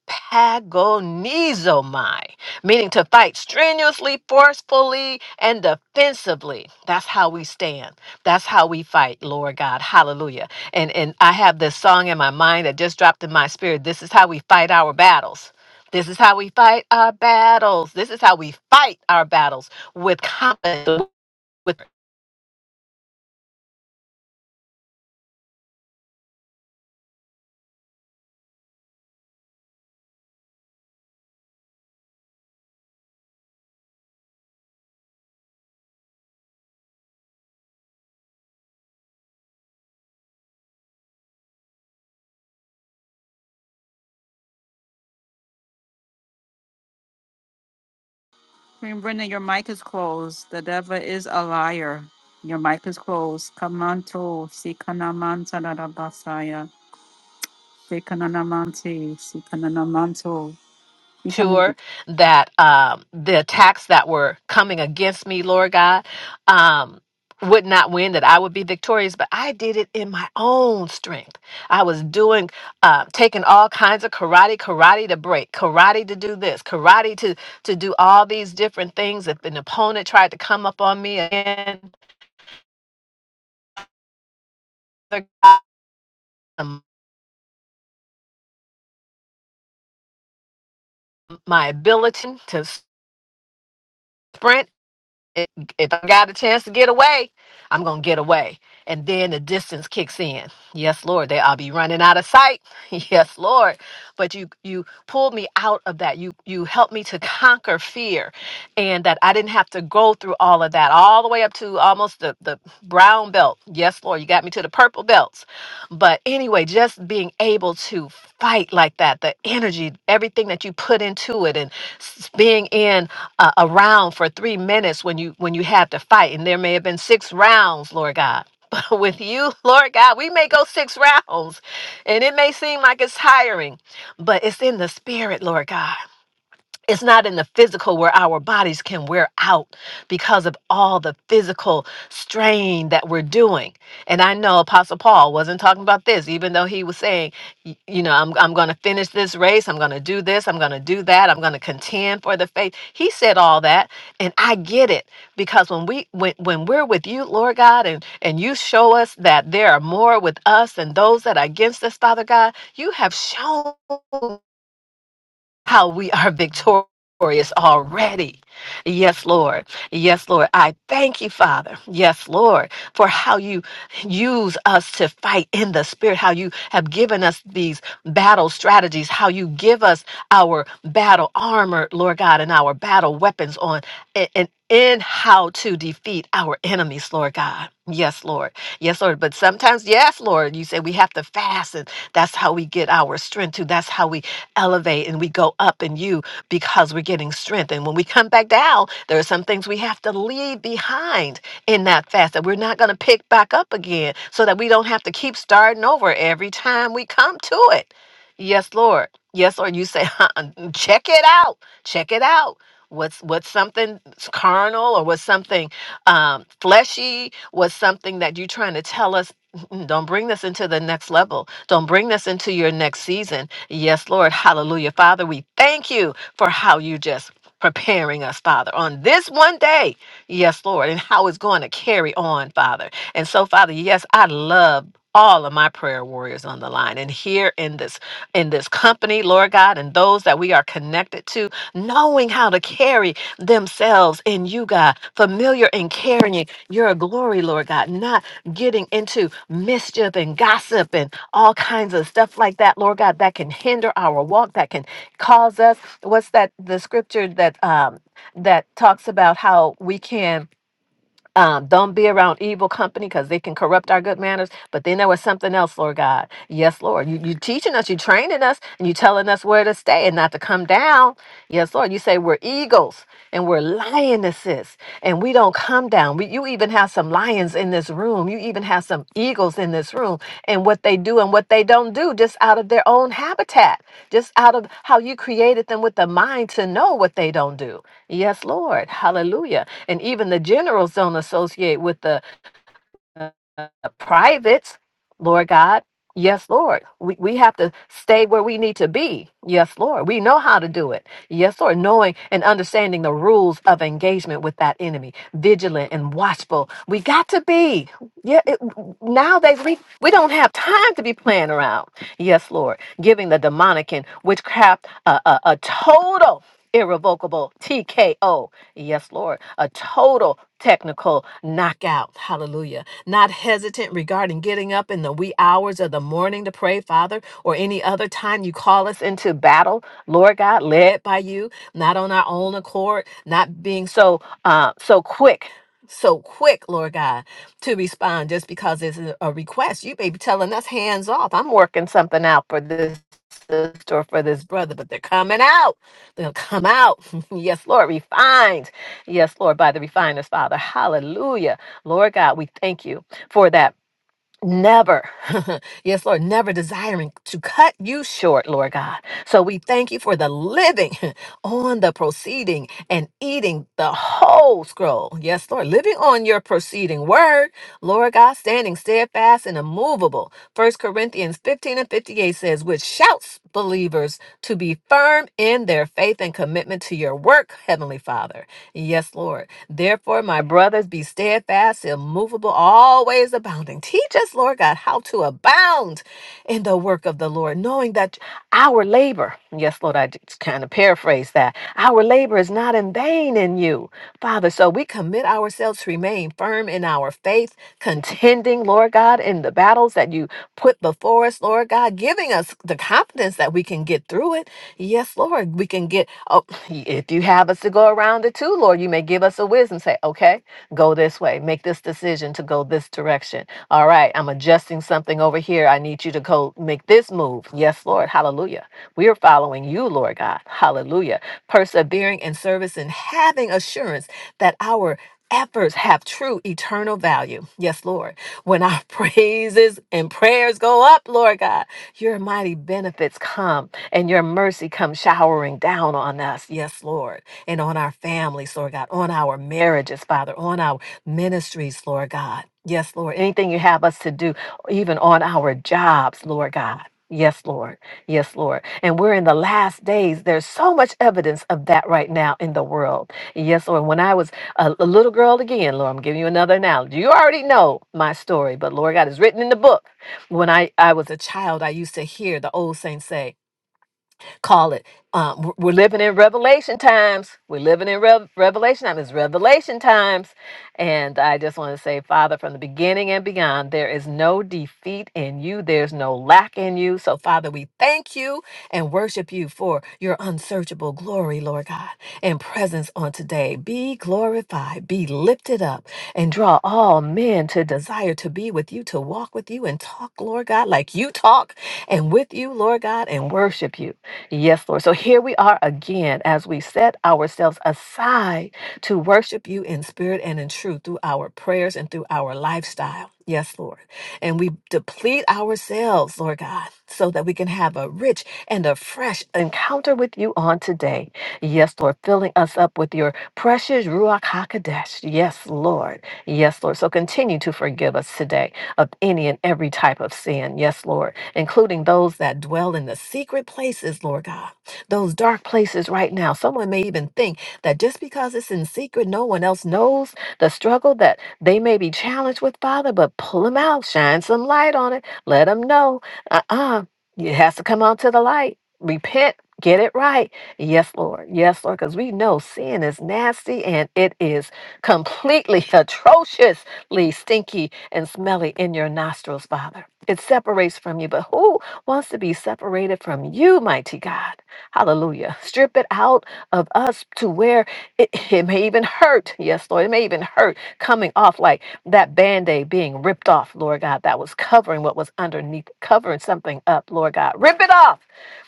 Speaker 5: meaning to fight strenuously, forcefully, and defensively. That's how we stand. That's how we fight, Lord God. Hallelujah. And and I have this song in my mind that just dropped in my spirit. This is how we fight our battles. This is how we fight our battles. This is how we fight our battles with confidence with
Speaker 3: Queen Brenda, your mic is closed. The devil is a liar. Your mic is closed. Kamanto, Sikanamanta Basaya, Sikananamanti, Sikananamanto. You come
Speaker 5: sure that um, the attacks that were coming against me, Lord God, um, would not win, that I would be victorious, but I did it in my own strength. I was doing, uh, taking all kinds of karate, karate to break, karate to do this, karate to to do all these different things. If an opponent tried to come up on me again, my ability to sprint if if I got a chance to get away, I'm gonna get away. And then the distance kicks in. Yes, Lord, they I'll be running out of sight. [laughs] Yes, Lord. But you you pulled me out of that. You you helped me to conquer fear and that I didn't have to go through all of that, all the way up to almost the, the brown belt. Yes, Lord, you got me to the purple belts. But anyway, just being able to fight like that, the energy, everything that you put into it and s- being in uh, around for three minutes when you when you have to fight and there may have been six rounds lord god [laughs] but with you lord god we may go six rounds and it may seem like it's tiring but it's in the spirit lord god it's not in the physical where our bodies can wear out because of all the physical strain that we're doing. And I know Apostle Paul wasn't talking about this, even though he was saying, y- you know, I'm, I'm going to finish this race. I'm going to do this. I'm going to do that. I'm going to contend for the faith. He said all that. And I get it because when we, when, when we're with you, Lord God, and, and you show us that there are more with us than those that are against us, Father God, you have shown how we are victorious already. Yes, Lord. Yes, Lord. I thank you, Father. Yes, Lord, for how you use us to fight in the spirit, how you have given us these battle strategies, how you give us our battle armor, Lord God, and our battle weapons on and and in how to defeat our enemies, Lord God. Yes, Lord. Yes, Lord. But sometimes, yes, Lord, you say we have to fast, and that's how we get our strength too. That's how we elevate and we go up in you because we're getting strength. And when we come back down, there are some things we have to leave behind in that fast that we're not going to pick back up again so that we don't have to keep starting over every time we come to it. Yes, Lord. Yes, Lord. You say, [laughs] "Uh-uh, check it out. Check it out. What's what's something carnal or what's something um, fleshy? What's something that you're trying to tell us [clears throat] Don't bring this into the next level. Don't bring this into your next season. Yes, Lord. Hallelujah. Father, we thank you for how you just preparing us, Father, on this one day. Yes, Lord. And how it's going to carry on, Father. And so, Father, yes, I love all of my prayer warriors on the line and here in this in this company lord god and those that we are connected to knowing how to carry themselves in you god familiar and carrying your glory lord god not getting into mischief and gossip and all kinds of stuff like that, Lord God, that can hinder our walk, that can cause us. What's that? The scripture that um, that talks about how we can um, don't be around evil company because they can corrupt our good manners. But then there was something else, Lord God. Yes, Lord. You, you teaching us, you are training us, and you are telling us where to stay and not to come down. Yes, Lord. You say we're eagles and we're lionesses and we don't come down. We, you even have some lions in this room. You even have some eagles in this room and what they do and what they don't do just out of their own habitat, just out of how you created them with the mind to know what they don't do. Yes, Lord. Hallelujah. And even the generals don't associate with the privates, Lord God. Yes, Lord. We, we have to stay where we need to be. Yes, Lord. We know how to do it. Yes, Lord, knowing and understanding the rules of engagement with that enemy, vigilant and watchful. We got to be. Yeah, it, nowadays we, we don't have time to be playing around. Yes, Lord, giving the demonic and witchcraft a, a, a total irrevocable TKO. Yes, Lord, a total technical knockout. Hallelujah. Not hesitant regarding getting up in the wee hours of the morning to pray, Father, or any other time you call us into battle. Lord God, led by you, not on our own accord, not being so uh so quick. So quick, Lord God, to respond just because it's a a request. You may be telling us hands off. I'm working something out for this sister or for this brother, but they're coming out. They'll come out. [laughs] yes, Lord, refined. Yes, Lord, by the refiner's Father. Hallelujah. Lord God, we thank you for that never, [laughs] yes, Lord, never desiring to cut you short, Lord God. So we thank you for the living [laughs] on the proceeding and eating the whole scroll. Yes, Lord, living on your proceeding word, Lord God, standing steadfast and immovable. First Corinthians 15 and 58 says, which shouts believers to be firm in their faith and commitment to your work, Heavenly Father. Yes, Lord. Therefore, my brothers, be steadfast, immovable, always abounding. Teach us, Lord God, how to abound in the work of the Lord, knowing that our labor, yes, Lord, I just kind of paraphrase that, our labor is not in vain in you, Father. So we commit ourselves to remain firm in our faith, contending, Lord God, in the battles that you put before us, Lord God, giving us the confidence that we can get through it. Yes, Lord, we can get, oh, if you have us to go around it too, Lord, you may give us a wisdom, say, okay, go this way, make this decision to go this direction all right, I'm adjusting something over here. I need you to go make this move. Yes, Lord. Hallelujah. We are following you, Lord God. Hallelujah. Persevering in service and having assurance that our efforts have true eternal value. Yes, Lord. When our [laughs] praises and prayers go up, Lord God, your mighty benefits come and your mercy comes showering down on us. Yes, Lord. And on our families, Lord God, on our marriages, Father, on our ministries, Lord God. Yes, Lord. Anything you have us to do, even on our jobs, Lord God. Yes, Lord. Yes, Lord. And we're in the last days. There's so much evidence of that right now in the world. Yes, Lord. When I was a, a little girl again, Lord, I'm giving you another analogy. You already know my story, but Lord God is written in the book. When I, I was a child, I used to hear the old saints say, call it. Um, we're we're living in Revelation times. We're living in Rev Revelation time. It's Revelation times. And I just want to say, Father, from the beginning and beyond, there is no defeat in you, there's no lack in you. So, Father, we thank you and worship you for your unsearchable glory, Lord God, and presence on today. Be glorified, be lifted up, and draw all men to desire to be with you, to walk with you, and talk, Lord God, like you talk, and with you, Lord God, and worship you. Yes, Lord. So here we are again as we set ourselves aside to worship you in spirit and in truth through our prayers and through our lifestyle. Yes, Lord. And we deplete ourselves, Lord God, so that we can have a rich and a fresh encounter with you on today. Yes, Lord. Filling us up with your precious Ruach HaKodesh. Yes, Lord. Yes, Lord. So continue to forgive us today of any and every type of sin. Yes, Lord including those that dwell in the secret places, Lord God, those dark places right now. Someone may even think that just because it's in secret, no one else knows the struggle that they may be challenged with, Father, but pull them out, shine some light on it, let them know. Uh uh it has to come out to the light. Repent, get it right. Yes, Lord. Yes, Lord, because we know sin is nasty and it is completely [laughs] atrociously stinky and smelly in your nostrils, Father. It separates from you, but who wants to be separated from you, mighty God? Hallelujah. Strip it out of us to where it, it may even hurt. Yes, Lord, it may even hurt coming off like that band aid being ripped off, Lord God, that was covering what was underneath, covering something up, Lord God. Rip it off.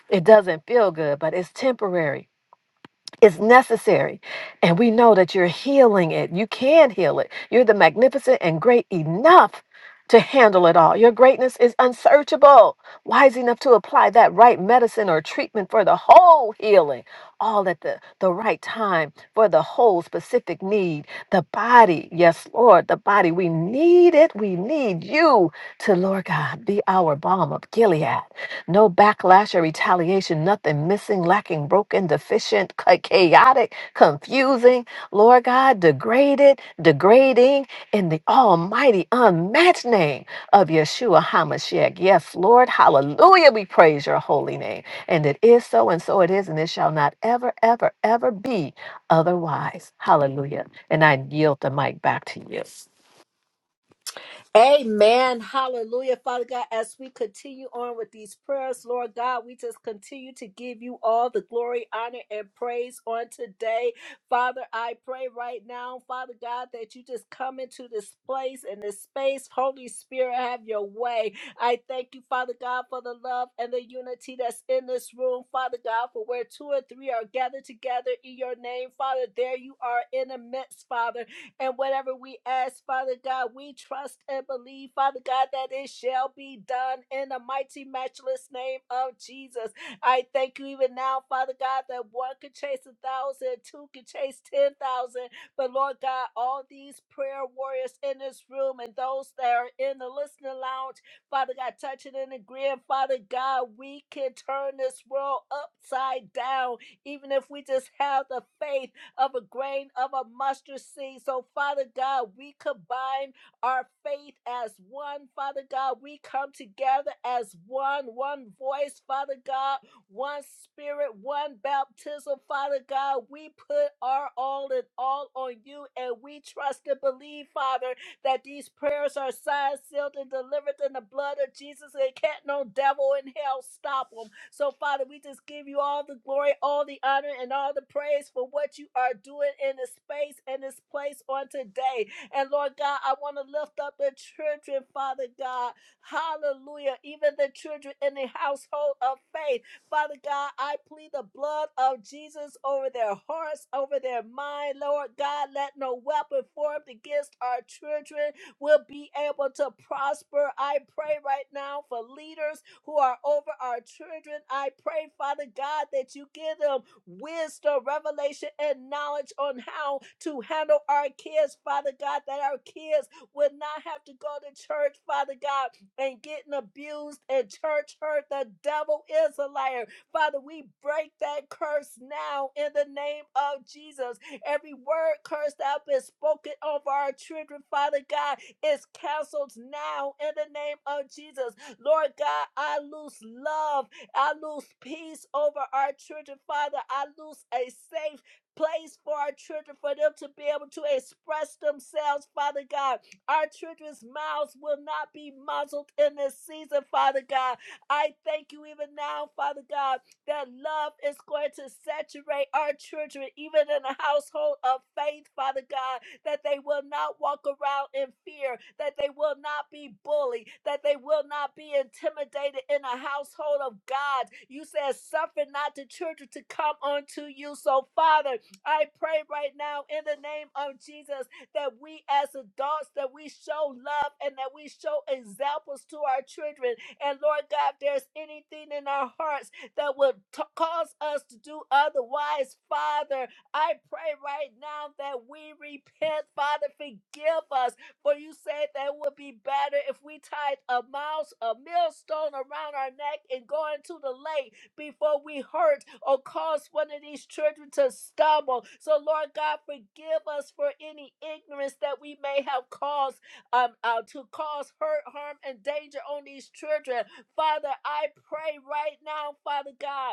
Speaker 5: It doesn't feel good, but it's temporary. Is necessary. And we know that you're healing it. You can heal it. You're the magnificent and great enough to handle it all. Your greatness is unsearchable, wise enough to apply that right medicine or treatment for the whole healing, all at the, the right time for the whole specific need. The body, yes, Lord, the body, we need it. We need you to, Lord God, be our balm of Gilead. No backlash or retaliation, nothing missing, lacking, broken, deficient, [laughs] cha- chaotic, confusing, Lord God, degraded, degrading in the almighty, unmatched name of Yeshua HaMashiach. Yes, Lord, hallelujah, we praise your holy name. And it is so, and so it is, and it shall not ever, ever, ever be otherwise. Hallelujah. And I yield the mic back to you.
Speaker 2: Amen. Hallelujah. Father God, as we continue on with these prayers, Lord God, we just continue to give you all the glory, honor, and praise on today. Father, I pray right now, Father God, that you just come into this place and this space. Holy Spirit, have your way. I thank you, Father God, for the love and the unity that's in this room, Father God, for where two or three are gathered together in your name, Father, there you are in the midst, Father. And whatever we ask, Father God, we trust and believe, Father God, that it shall be done in the mighty, matchless name of Jesus. I thank you even now, Father God, that one could chase a thousand, two could chase ten thousand. But Lord God, all these prayer warriors in this room and those that are in the listening lounge, Father God, touching and agreeing, Father God, we can turn this world upside down, even if we just have the faith of a grain of a mustard seed. So, Father God, we combine our faith as one. Father God, we come together as one, one voice, Father God, one spirit, one baptism. Father God, we put our all and all on you and we trust and believe, Father, that these prayers are signed, sealed, and delivered in the blood of Jesus. And can't no devil in hell stop them. So, Father, we just give you all the glory, all the honor, and all the praise for what you are doing in this space and this place on today. And Lord God, I want to lift up the children, Father God. Hallelujah. Even the children in the household of faith. Father God, I plead the blood of Jesus over their hearts, over their mind, Lord God. Let no weapon formed against our children will be able to prosper. I pray right now for leaders who are over our children. I pray, Father God, that you give them wisdom, revelation, and knowledge on how to handle our kids, Father God, that our kids would not have to go to church, Father God and getting abused and church hurt. The devil is a liar. Father, we break that curse now in the name of Jesus. Every word cursed out and spoken over our children, Father God, is canceled now in the name of Jesus. Lord God, I lose love. I lose peace over our children, Father. I lose a safe place for our children for them to be able to express themselves, Father God our children's mouths will not be muzzled in this season, Father God. I thank you even now, Father God, that love is going to saturate our children, even in a household of faith, Father God, that they will not walk around in fear, that they will not be bullied, that they will not be intimidated in a household of God. You said, suffer not the children to come unto you. So, Father, I pray right now in the name of Jesus that we as adults that we show love and that we show examples to our children. And Lord God, if there's anything in our hearts that would t- cause us to do otherwise, Father, I pray right now that we repent, Father, forgive us. For you said that it would be better if we tied a mouse, a millstone around our neck and go into the lake before we hurt or cause one of these children to stumble. So, Lord God, forgive us for any ignorance that we may have caused um, uh, to cause hurt, harm, and danger on these children. Father, I pray right now, Father God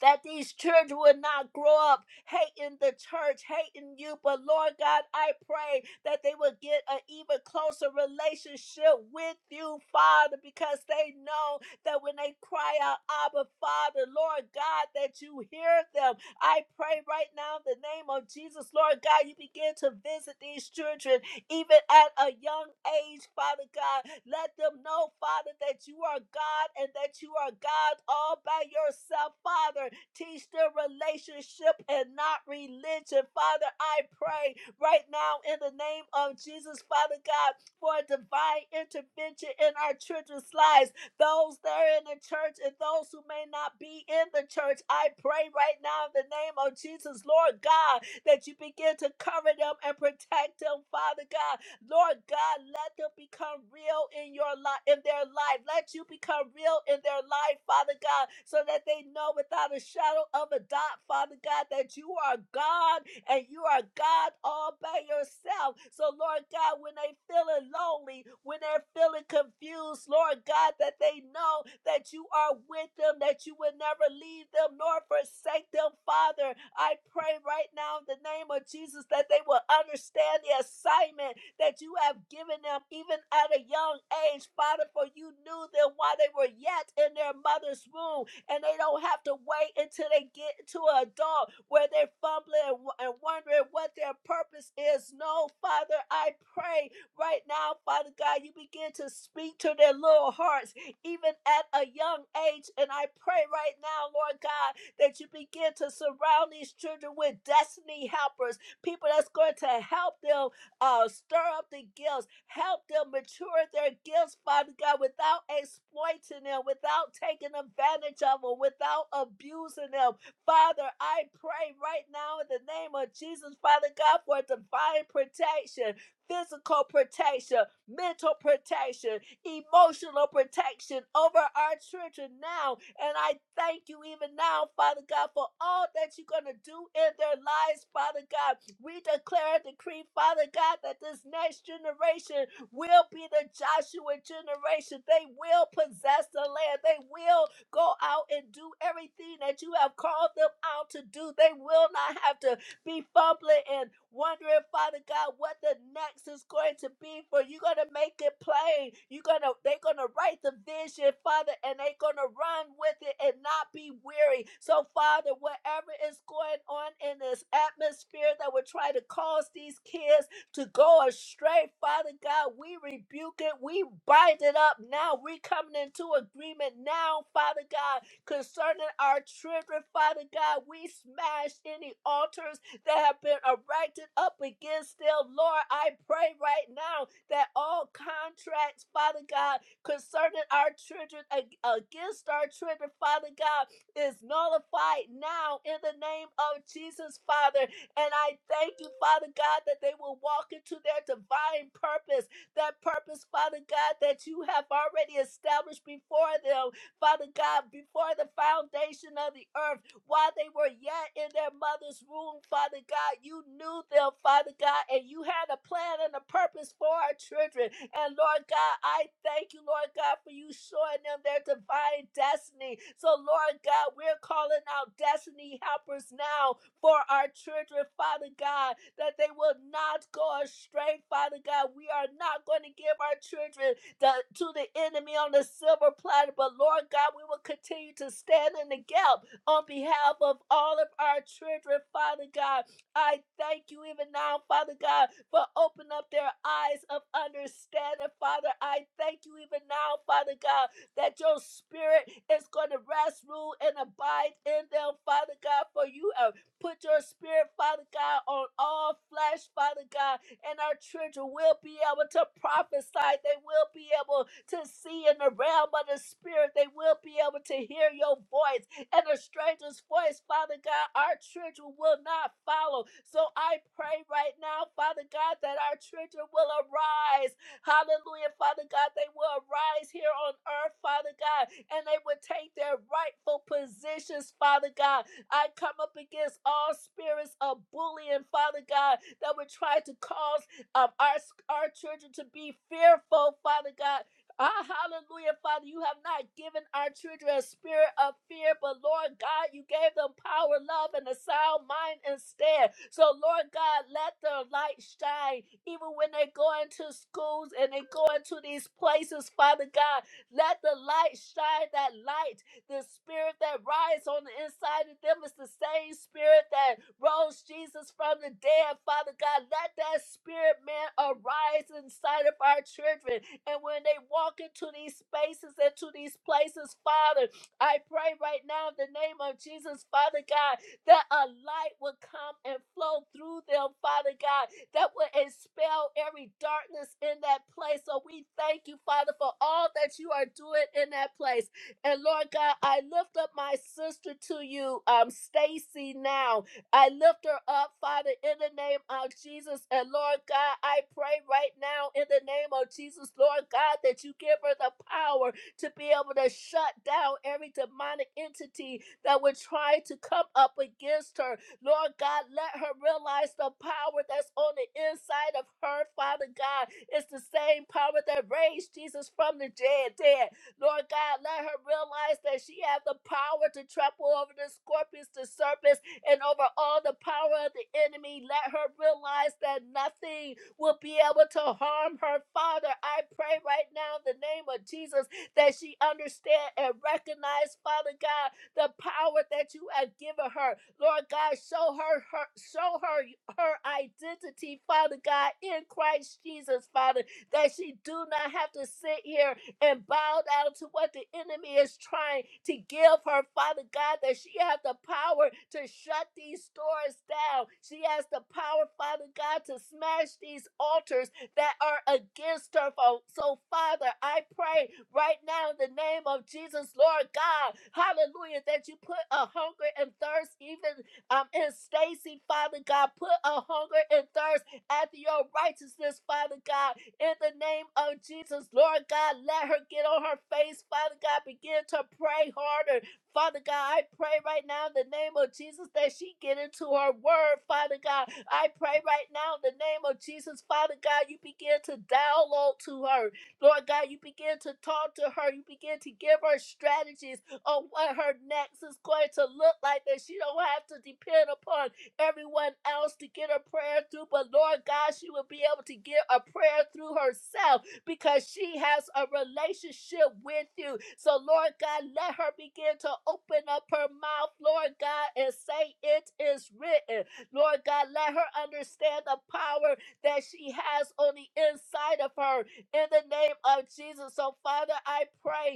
Speaker 2: that these children would not grow up hating the church, hating you. But Lord God, I pray that they would get an even closer relationship with you, Father, because they know that when they cry out, Abba, Father, Lord God, that you hear them. I pray right now in the name of Jesus, Lord God, you begin to visit these children even at a young age, Father God. Let them know, Father, that you are God and that you are God all by yourself, Father Teach them relationship and not religion. Father, I pray right now in the name of Jesus, Father God, for a divine intervention in our children's lives. Those that are in the church and those who may not be in the church, I pray right now in the name of Jesus, Lord God, that you begin to cover them and protect them, Father God Lord God, let them become real in your life, in their life. Let you become real in their life, Father God, so that they know without a shadow of a doubt, Father God, that you are God and you are God all by yourself. So, Lord God, when they feeling lonely, when they're feeling confused, Lord God, that they know that you are with them, that you will never leave them nor forsake them, Father. I pray right now in the name of Jesus that they will understand the assignment that you have given them even at a young age, Father, for you knew them while they were yet in their mother's womb and they don't have to wait until they get to adult where they're fumbling and wondering what their purpose is. No, Father, I pray right now, Father God, you begin to speak to their little hearts, even at a young age. And I pray right now, Lord God, that you begin to surround these children with destiny helpers, people that's going to help them uh, stir up the gifts, help them mature their gifts, Father God, without exploiting them, without taking advantage of them, without abusing them. Father, I pray right now in the name of Jesus, Father God, for divine protection, physical protection, mental protection, emotional protection over our children now. And I thank you even now, Father God, for all that you're going to do in their lives, Father God. We declare and decree, Father God, that this next generation will be the Joshua generation. They will possess the land. They will go out and do everything that you have called them out to do. They will not have to be fumbling and wondering, Father God, what the next is going to be for you. You're gonna make it plain. You're gonna they're gonna write the vision, Father, and they're gonna run with it and not be weary. So, Father, whatever is going on in this atmosphere that would try to cause these kids to go astray, Father God. We rebuke it. We bind it up now. We coming into agreement now, Father God, concerning our children, Father God. We smash any altars that have been erected up against them. Lord, I pray right now that all contracts, Father God, concerning our children, ag- against our children, Father God, is nullified now in the name of Jesus, Father. And I thank you, Father God, that they will walk into their divine purpose, that purpose, Father God, that you have already established before them, Father God, before the foundation of the earth while they were yet in their mother's womb, Father God. You knew them, Father God, and you had a plan and a purpose for our children. And Lord God, I thank you, Lord God, for you showing them their divine destiny. So, Lord God, we're calling out destiny helpers now for our children, Father God, that they will not go astray, Father God. We are not going to give our children the, to the enemy on the silver platter, but Lord God, we will continue to stand in the gap on behalf of all of our children, Father God. I thank you even now, Father God, for opening up their eyes of understanding, Father. I thank you even now, Father God, that your spirit is going to rest, rule, and abide in them, Father God, for you have put your spirit, Father God, on all flesh, Father God, and our children will be able to prophesy. They will be able to see in the realm of the spirit. They will be able to hear your voice and a stranger's voice, Father God, our children will not follow. So I pray right now, Father God, that our children will arise. Hallelujah, Father God, they will arise here on earth, Father God, and they will take their rightful positions, Father God. I come up against all spirits of bullying, Father God, that would try to cause um, our, our children to be fearful, Father God, Ah, hallelujah, Father. You have not given our children a spirit of fear, but Lord God, you gave them power, love, and a sound mind instead. So, Lord God, let their light shine even when they go into schools and they go into these places, Father God. Let the light shine, that light, the spirit that rides on the inside of them is the same spirit that rose Jesus from the dead, Father God. Let that spirit, man, arise inside of our children. And when they walk into these spaces and to these places, Father, I pray right now in the name of Jesus, Father God, that a light will come and flow through them, Father God, that will expel every darkness in that place. So we thank you, Father, for all that you are doing in that place. And Lord God, I lift up my sister to you, um, Stacy now. I lift her up, Father, in the name of Jesus. And Lord God, I pray right now in the name of Jesus, Lord God, that you give her the power to be able to shut down every demonic entity that would try to come up against her. Lord God, let her realize the power that's on the inside of her, Father God. It's the same power that raised Jesus from the dead. dead. Lord God, let her realize that she has the power to trample over the scorpions, the serpents, and over all the power of the enemy. Let her realize that nothing will be able to harm her. Father, I pray right now in the name of Jesus that she understand and recognize, Father God, the power that you have given her. Lord God, show her, her show her her identity, Father God, in Christ Jesus, Father, that she do not have to sit here and bow down to what the enemy is trying to give her, Father God, that she has the power to shut these stores down. She has the power, Father God, to smash these altars that are against her. Fo- So, Father, I pray right now in the name of Jesus, Lord God, hallelujah, that you put a hunger and thirst even um, in Stacy, Father God, put a hunger and thirst after your righteousness, Father God, in the name of Jesus, Lord God, let her get on her face. Father God, begin to pray harder. Father God, I pray right now in the name of Jesus that she get into her word. Father God, I pray right now in the name of Jesus. Father God, you begin to download to her. Lord God, you begin to talk to her. You begin to give her strategies on what her next is going to look like that she don't have to depend upon everyone else to get a prayer through, but Lord God, she will be able to get a prayer through herself because she has a relationship with you. So, Lord God, let her begin to open up her mouth, Lord God, and say, It is written. Lord God, let her understand the power that she has on the inside of her in the name of Jesus. So, Father, I pray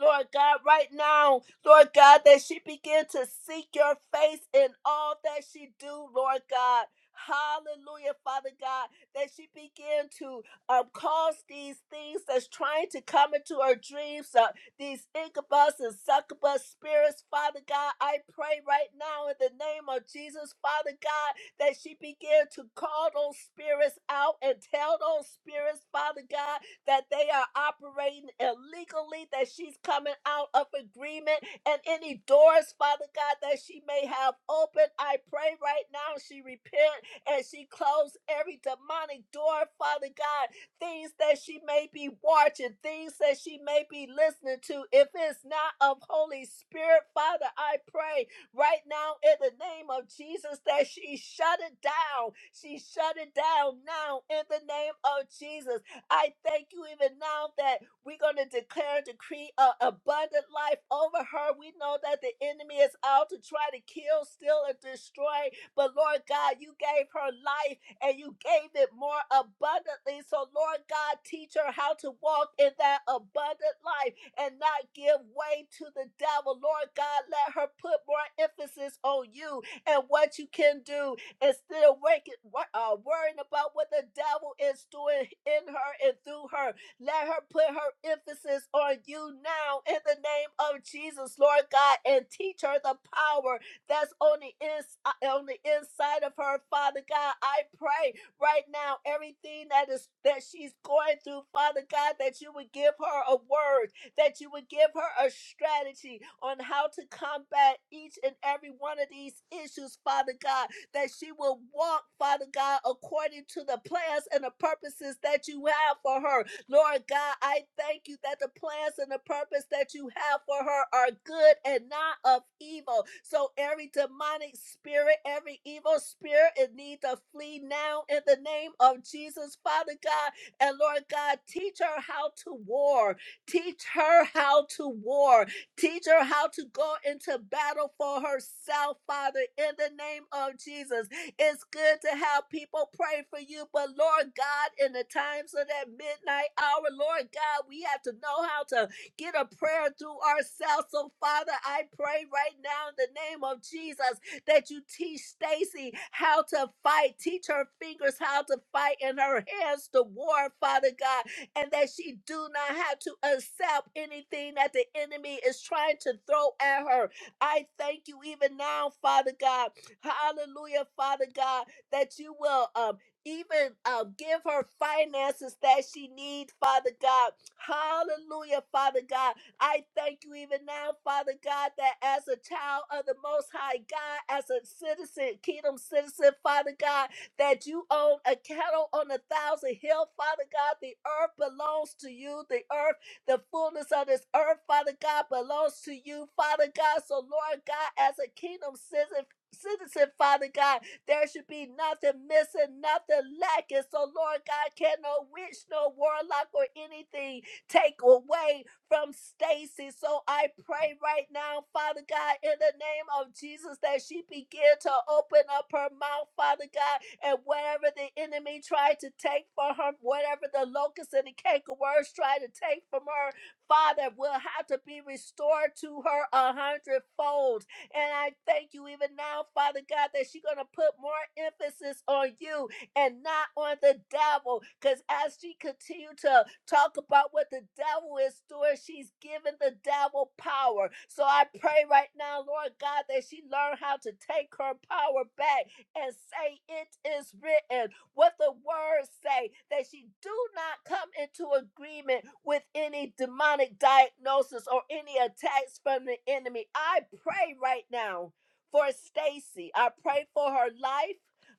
Speaker 2: Lord God, right now, Lord God, that she begin to seek your face in all that she do, Lord God. Hallelujah, Father God, that she begin to um, cause these things that's trying to come into her dreams, uh, these incubus and succubus spirits, Father God. I pray right now in the name of Jesus, Father God, that she begin to call those spirits out and tell those spirits, Father God, that they are operating illegally, that she's coming out of agreement, and any doors, Father God, that she may have open. I pray right now she repent and she close every demonic door, Father God, things that she may be watching, things that she may be listening to. If it's not of Holy Spirit, Father, I pray right now in the name of Jesus that she shut it down. She shut it down now in the name of Jesus. I thank you even now that we're going to declare and decree an abundant life over her. We know that the enemy is out to try to kill, steal, and destroy. But Lord God, you gave her life and you gave it more abundantly. So, Lord God, teach her how to walk in that abundant life and not give way to the devil. Lord God, let her put more emphasis on you and what you can do and still waking, wor- uh, worrying about what the devil is doing in her and through her. Let her put her emphasis on you now in the name of Jesus, Lord God, and teach her the power that's on the, ins- uh, on the inside of her, Father God. I pray right now everything that is that she's going through, Father God, that you would give her a word that you would give her a strategy on how to combat each and every one of these issues, Father God that she will walk, Father God, according to the plans and the purposes that you have for her. Lord God, I thank you that the plans and the purpose that you have for her are good and not of evil. So every demonic spirit, every evil spirit, it needs to flee now in the name of Jesus, Father God. And Lord God, teach her how to war. Teach her how to war Teach her how to go into battle for herself, Father, in the name of Jesus. It's good to have people pray for you, but Lord God, in the times of that midnight hour, Lord God, we have to know how to get a prayer through ourselves. So, Father, I pray right now in the name of Jesus that you teach Stacy how to fight, teach her fingers how to fight and her hands to war, Father God and that she do not have to accept anything that the enemy is trying to throw at her. I thank you even now, Father God. Hallelujah, Father God, that you will um even um, give her finances that she needs, Father God. Hallelujah, Father God. I thank you even now, Father God, that as a child of the Most High God, as a citizen, kingdom citizen, Father God, that you own a cattle on a thousand hill, Father God. The earth belongs to you. The earth, the fullness of this earth, Father God, belongs to you, Father God. So, Lord God, as a kingdom citizen, citizen, Father God, there should be nothing missing, nothing lacking. So, Lord God, can no witch, no warlock, or anything take away from Stacy. So I pray right now, Father God, in the name of Jesus, that she begin to open up her mouth, Father God, and whatever the enemy tried to take for her, whatever the locusts and the cankerworms tried to take from her, Father, will have to be restored to her a hundredfold. And I thank you even now, Father God, that she's going to put more emphasis on you and not on the devil. Because as she continued to talk about what the devil is doing, she's giving the devil power. So I pray right now, Lord God, that she learn how to take her power back and say it is written what the words say that she do not come into agreement with any demonic diagnosis or any attacks from the enemy i pray right now for stacy i pray for her life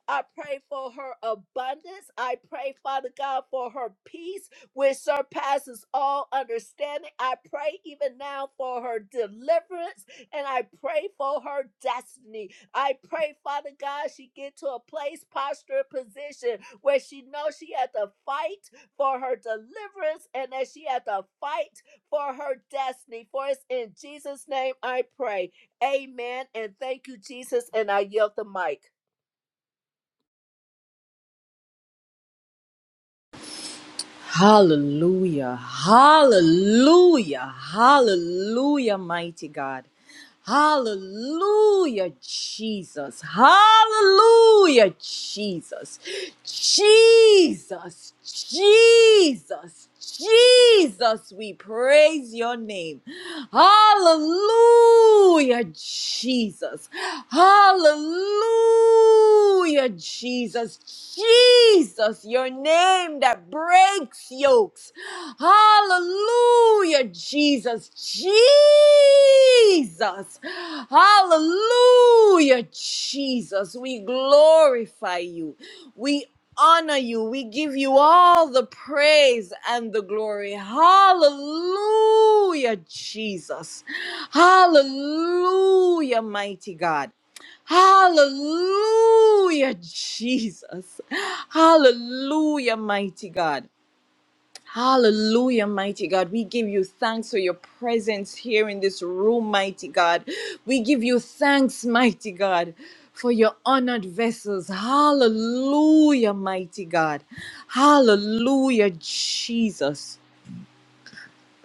Speaker 2: I pray for her abundance. I pray, Father God, for her peace, which surpasses all understanding. I pray even now for her deliverance, and I pray for her destiny. I pray, Father God, she get to a place, posture, position where she knows she had to fight for her deliverance and that she had to fight for her destiny. For it's in Jesus' name I pray. Amen. And thank you, Jesus. And I yield the mic.
Speaker 6: Hallelujah. Hallelujah. Hallelujah, mighty God. Hallelujah, Jesus. Hallelujah, Jesus. Jesus. Jesus. Jesus, we praise your name. Hallelujah. Hallelujah, Jesus. Hallelujah, Jesus. Jesus, your name that breaks yokes. Hallelujah, Jesus. Jesus. Hallelujah, Jesus. We glorify you. We honor you. We give you all the praise and the glory. Hallelujah, Jesus. Hallelujah, mighty God. Hallelujah, Jesus. Hallelujah, mighty God. Hallelujah, mighty God. We give you thanks for your presence here in this room, mighty God. We give you thanks, mighty God, for your honored vessels. Hallelujah, mighty God. Hallelujah, Jesus.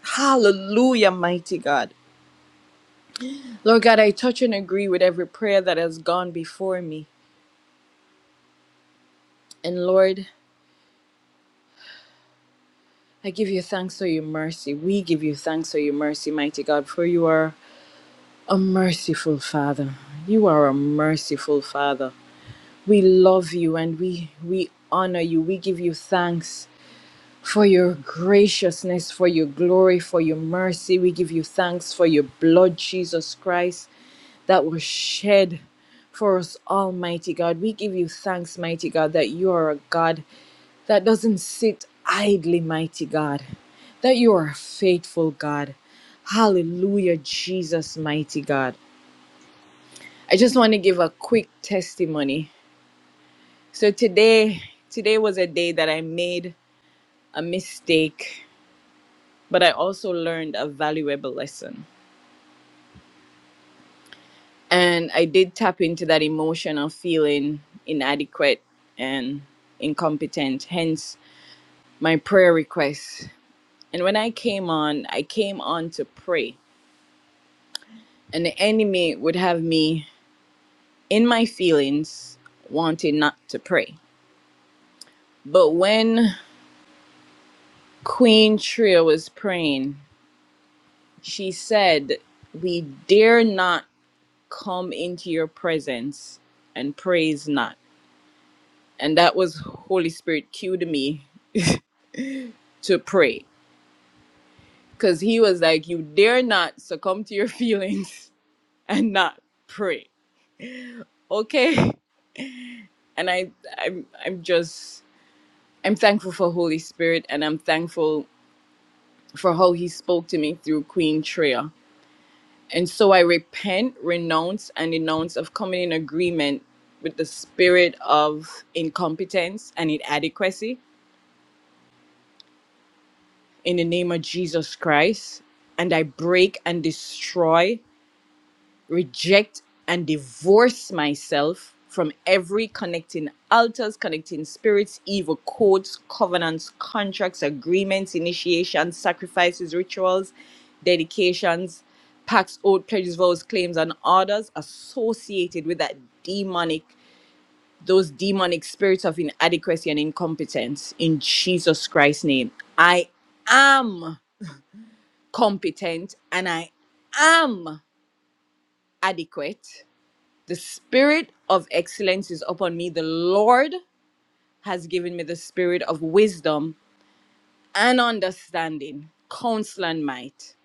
Speaker 6: Hallelujah, mighty God. Lord God, I touch and agree with every prayer that has gone before me. And Lord, I give you thanks for your mercy. We give you thanks for your mercy, mighty God, for you are. A merciful Father. You are a merciful Father. We love you and we, we honor you. We give you thanks for your graciousness, for your glory, for your mercy. We give you thanks for your blood, Jesus Christ, that was shed for us, Almighty God. We give you thanks, Mighty God, that you are a God that doesn't sit idly, mighty God, that you are a faithful God. Hallelujah, Jesus, mighty God. I just want to give a quick testimony. So today, today was a day that I made a mistake, but I also learned a valuable lesson. And I did tap into that emotion of feeling inadequate and incompetent, hence my prayer request. And when I came on, I came on to pray. And the enemy would have me in my feelings wanting not to pray. But when Queen Tria was praying. She said, We dare not come into your presence and praise not. And that was Holy Spirit cued me to pray. Because he was like, You dare not succumb to your [laughs] feelings and not pray. Okay. And I I'm I'm just I'm thankful for Holy Spirit and I'm thankful for how he spoke to me through Queen Treya And so I repent, renounce, and denounce of coming in agreement with the spirit of incompetence and inadequacy in the name of Jesus Christ. And I break and destroy reject and divorce myself from every connecting altars, connecting spirits, evil codes, covenants, contracts, agreements, initiations, sacrifices, rituals, dedications, pacts, oath, pledges, vows, claims, and orders associated with that demonic, those demonic spirits of inadequacy and incompetence. In Jesus Christ's name, I am competent and I am adequate the spirit of excellence is upon me. The Lord has given me the spirit of wisdom and understanding, counsel and might.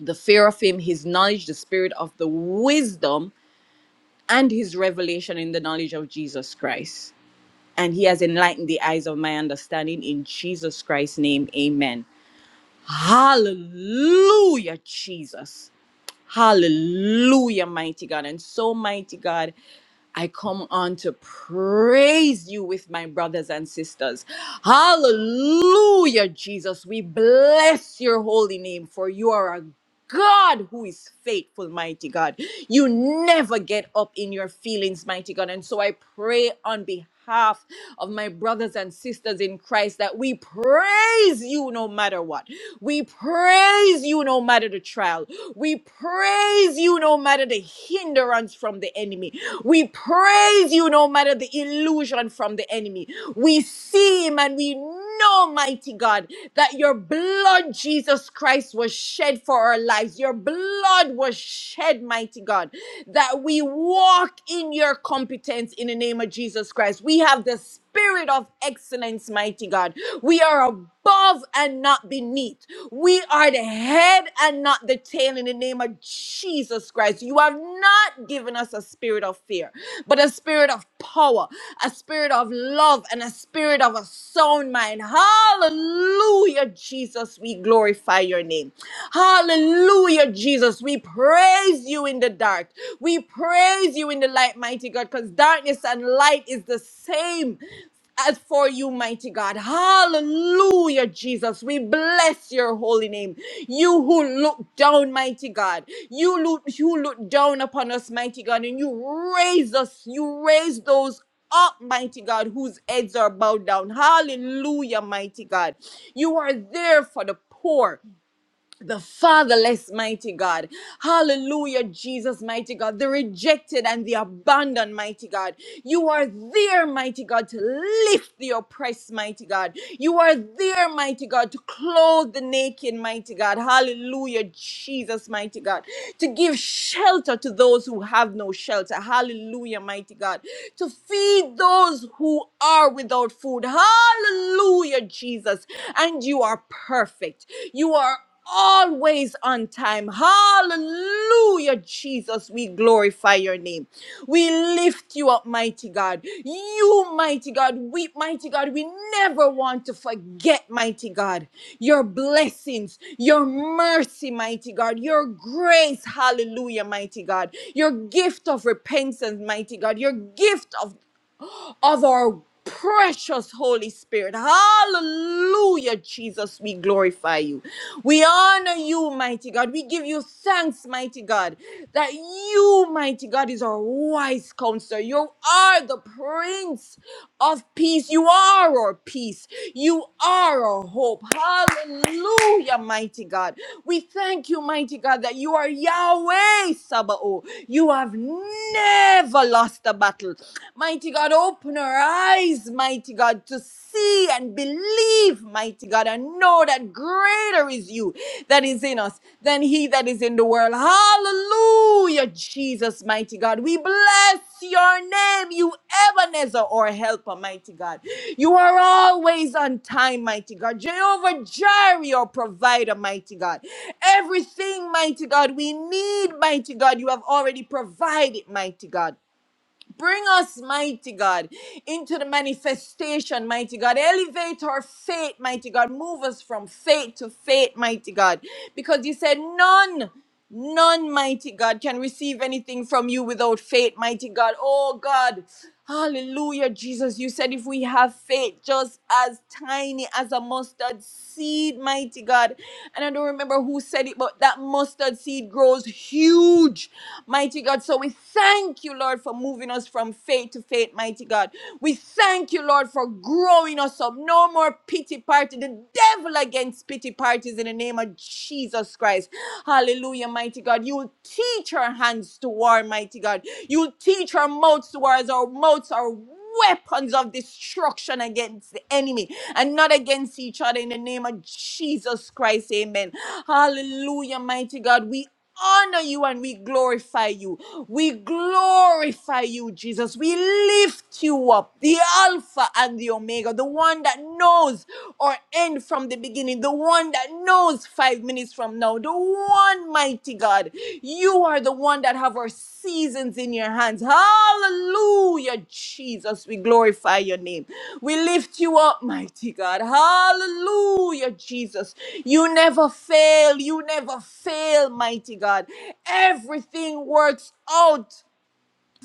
Speaker 6: The fear of him, his knowledge, the spirit of the wisdom and his revelation in the knowledge of Jesus Christ. And he has enlightened the eyes of my understanding in Jesus Christ's name. Amen. Hallelujah, Jesus. Hallelujah, mighty God. And so, mighty God, I come on to praise you with my brothers and sisters. Hallelujah, Jesus. We bless your holy name, for you are a God who is faithful, mighty God. You never get up in your feelings, mighty God. And so I pray on behalf of my brothers and sisters in Christ that we praise you no matter what. We praise you no matter the trial. We praise you no matter the hindrance from the enemy. We praise you no matter the illusion from the enemy. We see him and we know, mighty God that your blood, Jesus Christ, was shed for our lives. Your blood was shed, mighty God, that we walk in your competence in the name of Jesus Christ. We have the spirit of excellence, mighty God. We are above and not beneath. We are the head and not the tail in the name of Jesus Christ. Christ. You have not given us a spirit of fear, but a spirit of power, a spirit of love, and a spirit of a sound mind. Hallelujah, Jesus. We glorify your name. Hallelujah, Jesus. We praise you in the dark. We praise you in the light, mighty God, because darkness and light is the same as for you, mighty God. Hallelujah, Jesus. We bless your holy name. You who look down, mighty God. You look, you look down upon us, mighty God, and you raise us. You raise those up, mighty God, whose heads are bowed down. Hallelujah, mighty God. You are there for the poor the fatherless, mighty God. Hallelujah, Jesus, mighty God. The rejected and the abandoned, mighty God. You are there, mighty God, to lift the oppressed, mighty God. You are there, mighty God, to clothe the naked, mighty God. Hallelujah, Jesus, mighty God. To give shelter to those who have no shelter. Hallelujah, mighty God. To feed those who are without food. Hallelujah, Jesus. And you are perfect. You are always on time. Hallelujah, Jesus. We glorify your name. We lift you up, mighty God. You, mighty God, we, mighty God, we never want to forget, mighty God, your blessings, your mercy, mighty God, your grace. Hallelujah, mighty God. Your gift of repentance, mighty God. Your gift of of our precious Holy Spirit. Hallelujah, Jesus. We glorify you. We honor you, mighty God. We give you thanks, mighty God, that you, mighty God, is our wise counselor. You are the Prince of Peace. You are our peace. You are our hope. Hallelujah, mighty God. We thank you, mighty God, that you are Yahweh Sabaoth. You have never lost a battle. Mighty God, open our eyes, mighty God, to see and believe, mighty God, and know that greater is you that is in us than he that is in the world. Hallelujah, Jesus, mighty God. We bless your name, you Ebenezer or helper, mighty God. You are always on time, mighty God. Jehovah Jireh, your provider, mighty God. Everything, mighty God, we need, mighty God, you have already provided, mighty God. Bring us, mighty God, into the manifestation, mighty God. Elevate our faith, mighty God. Move us from faith to faith, mighty God. Because you said, none, none, mighty God, can receive anything from you without faith, mighty God. Oh, God. Hallelujah, Jesus. You said if we have faith just as tiny as a mustard seed, mighty God. And I don't remember who said it, but that mustard seed grows huge, mighty God. So we thank you, Lord, for moving us from faith to faith, mighty God. We thank you, Lord, for growing us up. No more pity party. The devil against pity parties in the name of Jesus Christ. Hallelujah, mighty God. You'll teach our hands to war, mighty God. You'll teach our mouths to war as our mouths are weapons of destruction against the enemy and not against each other in the name of Jesus Christ. Amen. Hallelujah, mighty God. We honor you and we glorify you. We glorify you, Jesus. We lift you up, the Alpha and the Omega, the one that knows our end from the beginning, the one that knows five minutes from now, the one mighty God. You are the one one that have our seasons in your hands. Hallelujah, Jesus. We glorify your name. We lift you up, mighty God. Hallelujah, Jesus. You never fail. You never fail, mighty God. Everything works out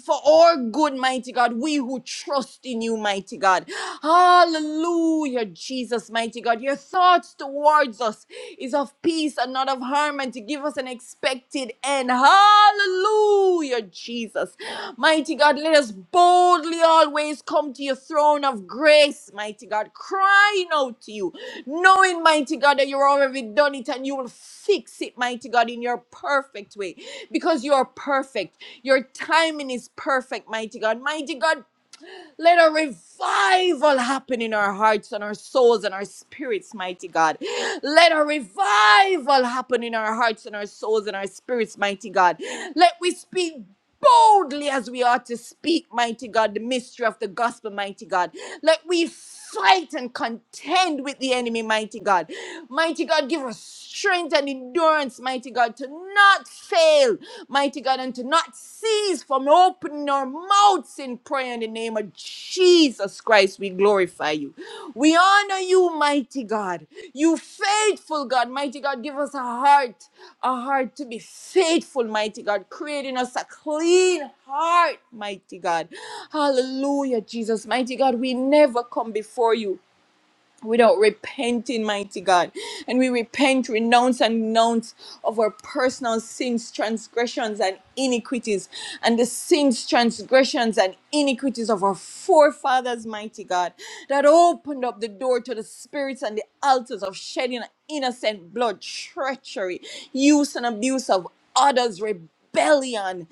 Speaker 6: for our good, mighty God, we who trust in you, mighty God. Hallelujah, Jesus, mighty God. Your thoughts towards us is of peace and not of harm, and to give us an expected end. Hallelujah, Jesus. Mighty God, let us us boldly always come to your throne of grace, mighty God, crying out to you, knowing, mighty God, that you're already done it and you will fix it, mighty God, in your perfect way because you are perfect. Your timing is perfect, mighty God. Mighty God, let a revival happen in our hearts and our souls and our spirits, mighty God. Let a revival happen in our hearts and our souls and our spirits, mighty God. Let we speak boldly as we ought to speak, mighty God, the mystery of the gospel, mighty God. Let we fight and contend with the enemy, mighty God. Mighty God, give us strength and endurance, mighty God, to not fail, mighty God, and to not cease from opening our mouths in prayer in the name of Jesus Christ. We glorify you. We honor you, mighty God. You faithful God, mighty God, give us a heart, a heart to be faithful, mighty God, creating us a clean heart, mighty God. Hallelujah, Jesus, mighty God. We never come before you without repenting, mighty God. And we repent, renounce, and renounce of our personal sins, transgressions, and iniquities, and the sins, transgressions, and iniquities of our forefathers, mighty God, that opened up the door to the spirits and the altars of shedding innocent blood, treachery, use and abuse of others, rebellion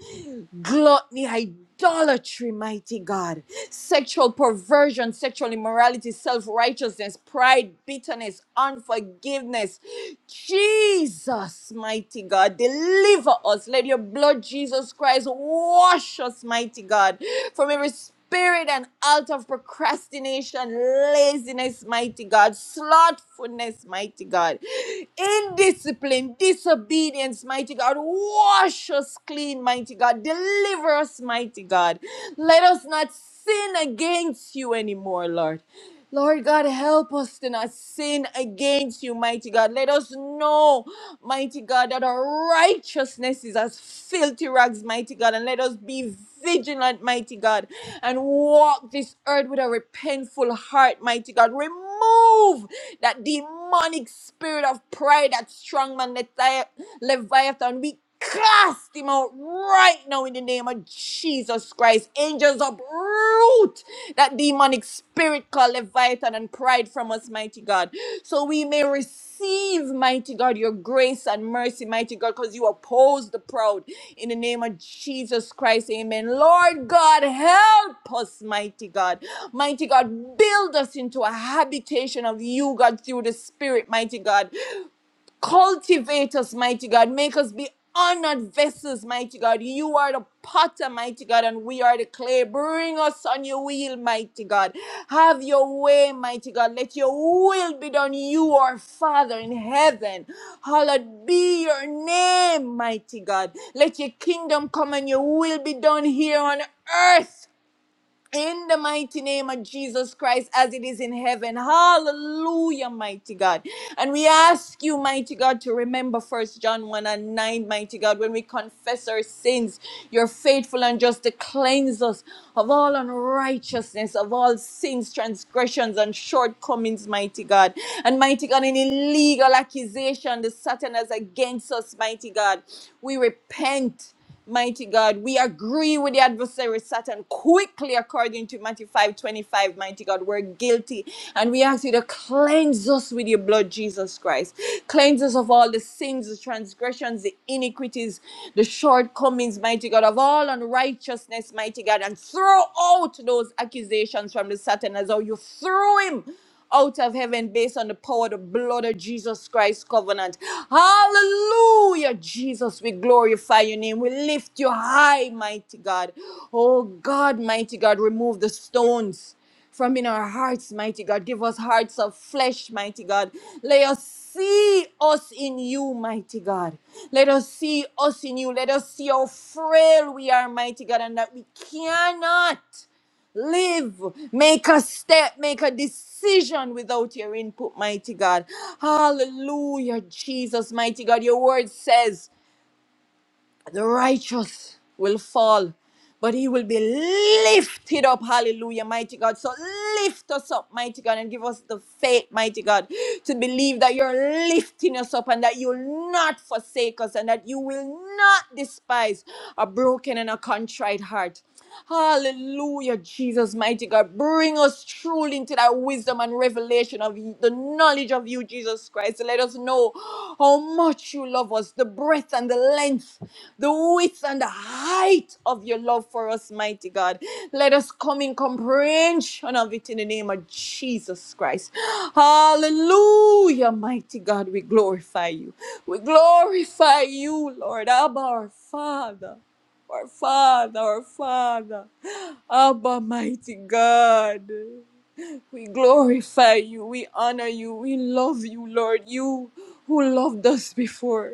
Speaker 6: gluttony, idolatry, mighty God, sexual perversion, sexual immorality, self righteousness, pride, bitterness, unforgiveness. Jesus, mighty God, deliver us. Let your blood, Jesus Christ, wash us, mighty God, from every spirit and out of procrastination, laziness, mighty God, slothfulness, mighty God, indiscipline, disobedience, mighty God. Wash us clean, mighty God. Deliver us, mighty God. Let us not sin against you anymore, Lord. Lord God, help us to not sin against you, mighty God. Let us know, mighty God, that our righteousness is as filthy rags, mighty God. And let us be vigilant, mighty God, and walk this earth with a repentful heart, mighty God. Remove that demonic spirit of pride, that strong man, Levi- Leviathan. We cast him out right now in the name of Jesus Christ. Angels uproot that demonic spirit called Leviathan and pride from us, mighty God. So we may receive, mighty God, your grace and mercy, mighty God, because you oppose the proud in the name of Jesus Christ. Amen. Lord God, help us, mighty God. Mighty God, build us into a habitation of you, God, through the Spirit, mighty God. Cultivate us, mighty God. Make us be honored vessels, mighty God. You are the potter, mighty God, and we are the clay. Bring us on your wheel, mighty God. Have your way, mighty God. Let your will be done. You are Father in heaven. Hallowed be your name, mighty God. Let your kingdom come and your will be done here on earth in the mighty name of Jesus Christ as it is in heaven. Hallelujah, mighty God. And we ask you, mighty God, to remember First John 1 and 9, mighty God, when we confess our sins, you're faithful and just to cleanse us of all unrighteousness, of all sins, transgressions, and shortcomings, mighty God. And mighty God, any legal accusation that Satan has against us, mighty God, we repent. Mighty God, we agree with the adversary Satan quickly according to Matthew 5 25, Mighty God, we're guilty. And we ask you to cleanse us with your blood, Jesus Christ. Cleanse us of all the sins, the transgressions, the iniquities, the shortcomings, mighty God, of all unrighteousness, mighty God, and throw out those accusations from the Satan as how you threw him out of heaven based on the power of the blood of Jesus Christ covenant. Hallelujah, Jesus. We glorify your name. We lift you high, mighty God. Oh God, mighty God, remove the stones from in our hearts, mighty God. Give us hearts of flesh, mighty God. Let us see us in you, mighty God. Let us see us in you. Let us see how frail we are, mighty God, and that we cannot. Live, make a step, make a decision without your input, mighty God. Hallelujah, Jesus, mighty God. Your word says the righteous will fall, but he will be lifted up. Hallelujah, mighty God. So lift us up, mighty God, and give us the faith, mighty God, to believe that you're lifting us up and that you'll not forsake us and that you will not despise a broken and a contrite heart. Hallelujah, Jesus, mighty God. Bring us truly into that wisdom and revelation of you- the knowledge of you, Jesus Christ. Let us know how much you love us, the breadth and the length, the width and the height of your love for us, mighty God. Let us come in comprehension of it in the name of Jesus Christ. Hallelujah, mighty God. We glorify you. We glorify you, Lord, Abba, our Father. Our Father, our Father, Abba, mighty God. We glorify you, we honor you, we love you, Lord. You who loved us before.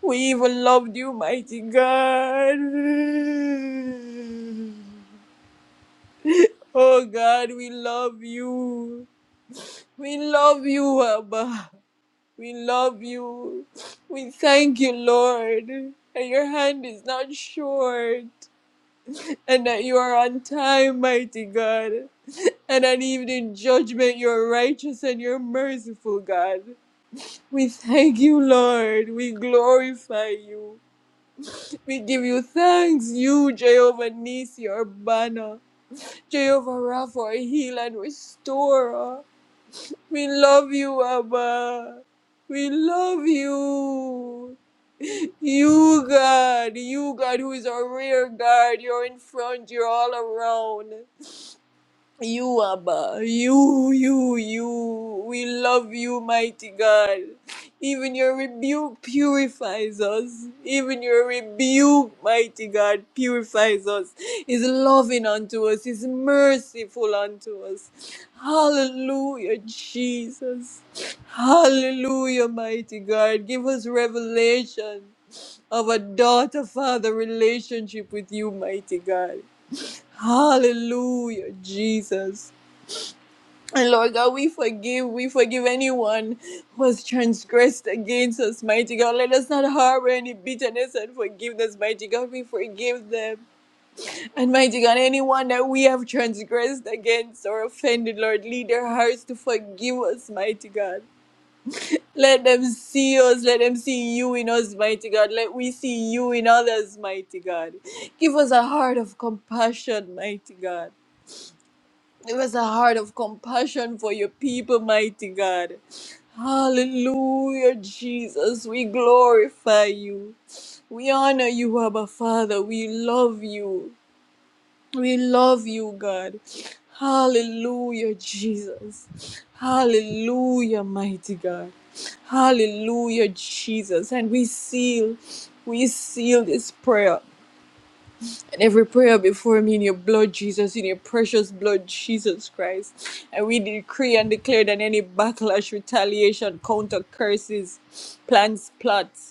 Speaker 6: We even loved you, mighty God. Oh God, we love you. We love you, Abba. We love you. We thank you, Lord. And your hand is not short. and that you are on time, mighty God, and that even in judgment you are righteous and you're merciful, God. We thank you, Lord. We glorify you. We give you thanks, you, Jehovah Nisi, our banner, Jehovah Rapha, our heal and restorer. We love you, Abba. We love you. You, God, you, God, who is our rear guard. You're in front, you're all around. You, Abba, you, you, you. We love you, mighty God. Even your rebuke purifies us. Even your rebuke, mighty God, purifies us. Is loving unto us, is merciful unto us. Hallelujah, Jesus. Hallelujah, mighty God. Give us revelation of a daughter father relationship with you, mighty God. Hallelujah, Jesus. And Lord God, we forgive, we forgive anyone who has transgressed against us, mighty God. Let us not harbor any bitterness and forgiveness, mighty God. We forgive them. And mighty God, anyone that we have transgressed against or offended, Lord, lead their hearts to forgive us, mighty God. Let them see us. Let them see you in us, mighty God. Let we see you in others, mighty God. Give us a heart of compassion, mighty God. It was a heart of compassion for your people, mighty God. Hallelujah, Jesus. We glorify you. We honor you, Abba Father. We love you. We love you, God. Hallelujah, Jesus. Hallelujah, mighty God. Hallelujah, Jesus. And we seal, we seal this prayer and every prayer before me in your blood, Jesus, in your precious blood, Jesus Christ. And we decree and declare that any backlash, retaliation, counter curses, plans, plots,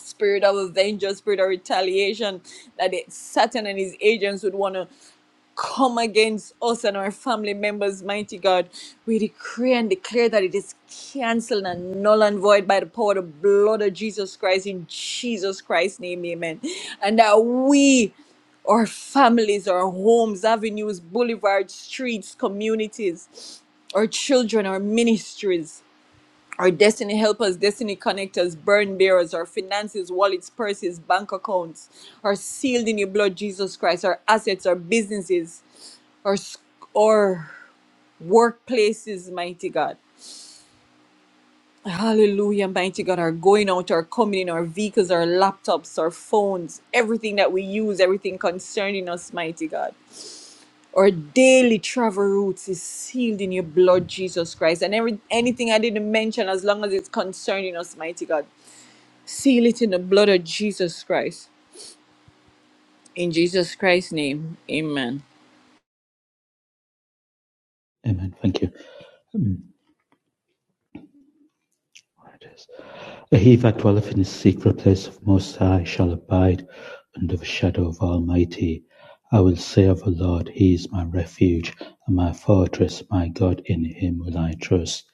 Speaker 6: spirit of revenge or spirit of retaliation that it, Satan and his agents would want to come against us and our family members, mighty God. We decree and declare that it is cancelled and null and void by the power of the blood of Jesus Christ in Jesus Christ's name, amen. And that we, our families, our homes, avenues, boulevards, streets, communities, our children, our ministries, our destiny helpers, destiny connectors, burn bearers, our finances, wallets, purses, bank accounts are sealed in your blood, Jesus Christ. Our assets, our businesses, our, sc- our workplaces, mighty God. Hallelujah, mighty God. Our going out, our coming in, our vehicles, our laptops, our phones, everything that we use, everything concerning us, mighty God. Our daily travel routes is sealed in your blood, Jesus Christ. And every, anything I didn't mention, as long as it's concerning us, mighty God. Seal it in the blood of Jesus Christ. In Jesus Christ's name, amen.
Speaker 7: Amen. Thank you. Hmm, it is. He that dwelleth in the secret place of Most High shall abide under the shadow of Almighty. I will say of the Lord, He is my refuge and my fortress, my God, in Him will I trust.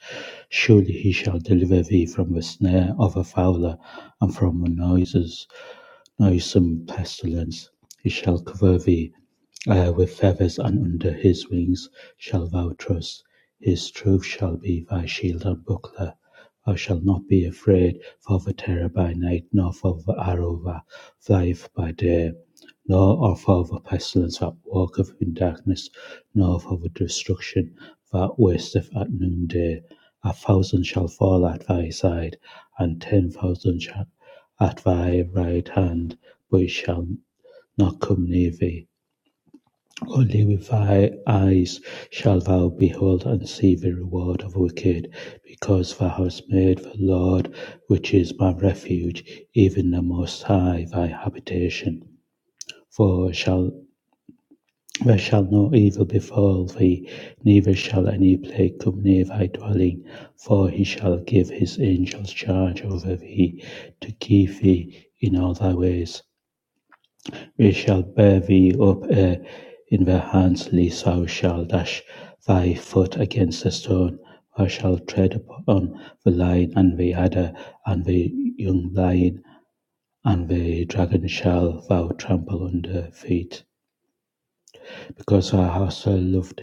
Speaker 7: Surely He shall deliver thee from the snare of the fowler and from the noises, noisome pestilence. He shall cover thee Uh, With feathers and under his wings shall thou trust: his truth shall be thy shield and buckler. Thou shalt not be afraid for the terror by night, nor for the arrow that flieth by day, nor of for the pestilence that walketh in darkness, nor for the destruction that wasteth at noonday. A thousand shall fall at thy side, and ten thousand shall at thy right hand, but it shall not come near thee. Only with thy eyes shalt thou behold and see the reward of the wicked: because thou hast made the Lord, which is my refuge, even the Most High, thy habitation. For shall there shall no evil befall thee, neither shall any plague come near thy dwelling. For he shall give his angels charge over thee, to keep thee in all thy ways. Ye shall bear thee up uh, in their hands, lest thou shalt dash thy foot against a stone. Thou shalt tread upon the lion and the adder, and the young lion, and the dragon shall thou trample under feet. Because thou hast loved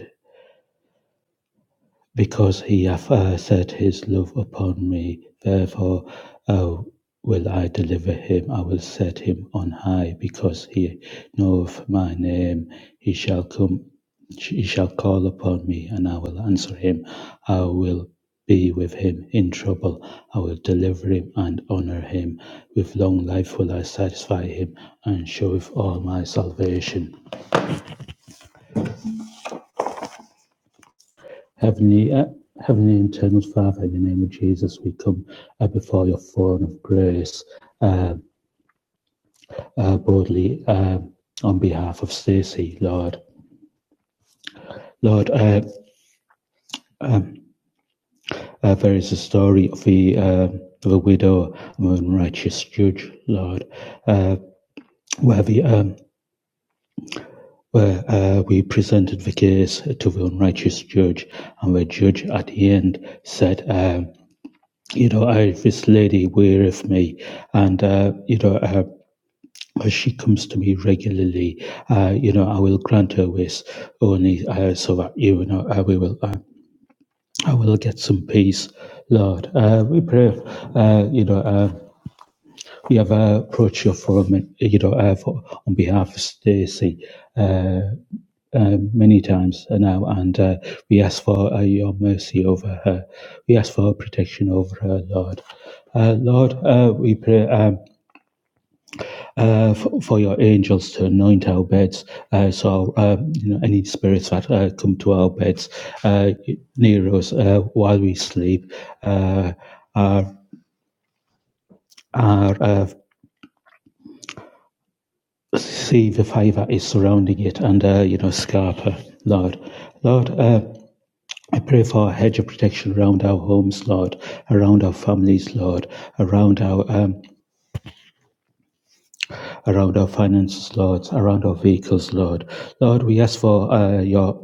Speaker 7: Because he hath uh, set his love upon me, therefore uh, will I deliver him. I will set him on high, because he knoweth my name. He shall come, he shall call upon me, and I will answer him. I will be with him in trouble. I will deliver him and honor him. With long life will I satisfy him and show with all my salvation. Heavenly, uh, Heavenly Eternal Father, in the name of Jesus, we come uh, before your throne of grace uh, uh, boldly uh, on behalf of Stacey, Lord. Lord, uh, uh, there is a story of the uh, the widow and the unrighteous judge, Lord, uh, where the um, where uh, we presented the case to the unrighteous judge, and the judge at the end said, um, you know, I, this lady weareth me, and uh, you know, uh, uh, she comes to me regularly. Uh, you know, I will grant her wish only uh, so that you know uh, we will. Uh, I will get some peace, Lord. Uh, we pray. Uh, you know, uh, we have uh, approached your forum. You know, uh, for, on behalf of Stacey uh, uh, many times now, and uh, we ask for uh, your mercy over her. We ask for protection over her, Lord. Uh, Lord, uh, we pray. Um, uh, for, for your angels to anoint our beds. Uh, so, uh, you know, any spirits that uh, come to our beds uh, near us uh, while we sleep, uh, our, our uh, see the favour is surrounding it and, uh, you know, scarp her, Lord. Lord, uh, I pray for a hedge of protection around our homes, Lord, around our families, Lord, around our um, around our finances, Lord, around our vehicles, Lord. Lord, we ask for uh, your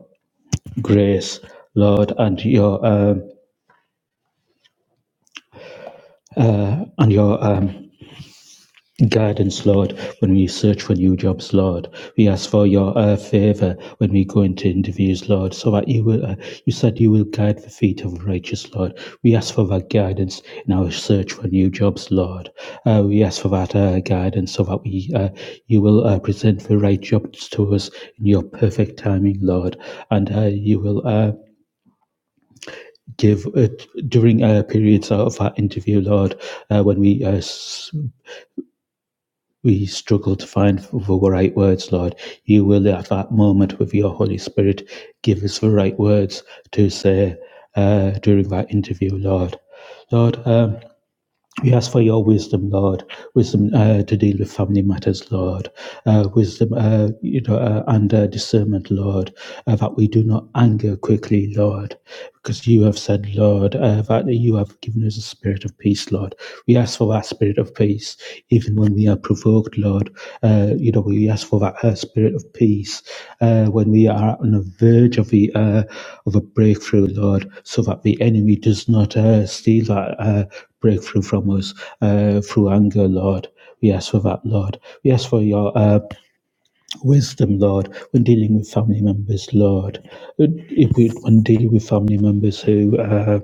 Speaker 7: grace, Lord, and your um, and your um, guidance, Lord, when we search for new jobs, Lord. We ask for your uh, favor when we go into interviews, Lord, so that you will. Uh, you said you will guide the feet of righteous, Lord. We ask for that guidance in our search for new jobs, Lord. Uh, we ask for that uh, guidance so that we uh, you will uh, present the right jobs to us in your perfect timing, Lord, and uh, you will. Uh, give uh, during uh, periods of our interview, Lord, uh, when we uh, s- we struggle to find the right words, Lord, you will at that moment with your Holy Spirit give us the right words to say uh, during that interview, Lord. Lord, um, we ask for your wisdom, Lord, wisdom uh, to deal with family matters, Lord, uh, wisdom, uh, you know, uh, and uh, discernment, Lord, uh, that we do not anger quickly, Lord, because you have said, Lord, uh, that you have given us a spirit of peace, Lord. We ask for that spirit of peace, even when we are provoked, Lord. Uh, you know, we ask for that uh, spirit of peace uh, when we are on the verge of the uh, of a breakthrough, Lord, so that the enemy does not uh, steal that. Uh, breakthrough from us uh, through anger, Lord. We ask for that, Lord. We ask for your uh, wisdom, Lord, when dealing with family members, Lord. Uh, If we, when dealing with family members who uh,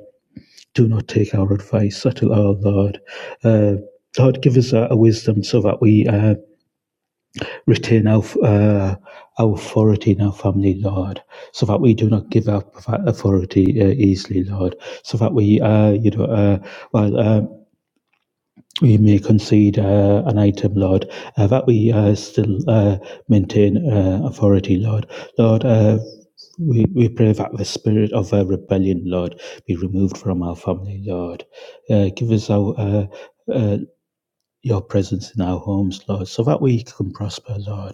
Speaker 7: do not take our advice at all, Lord. Uh, Lord, give us a, a wisdom so that we uh, retain our, uh, our authority in our family, Lord, so that we do not give up that authority uh, easily, Lord, so that we, uh, you know, uh, while uh. we may concede uh, an item, Lord, uh, that we uh, still uh, maintain uh, authority, Lord. Lord, uh, we, we pray that the spirit of uh, rebellion, Lord, be removed from our family, Lord. Uh, give us our, uh, uh, your presence in our homes, Lord, so that we can prosper, Lord.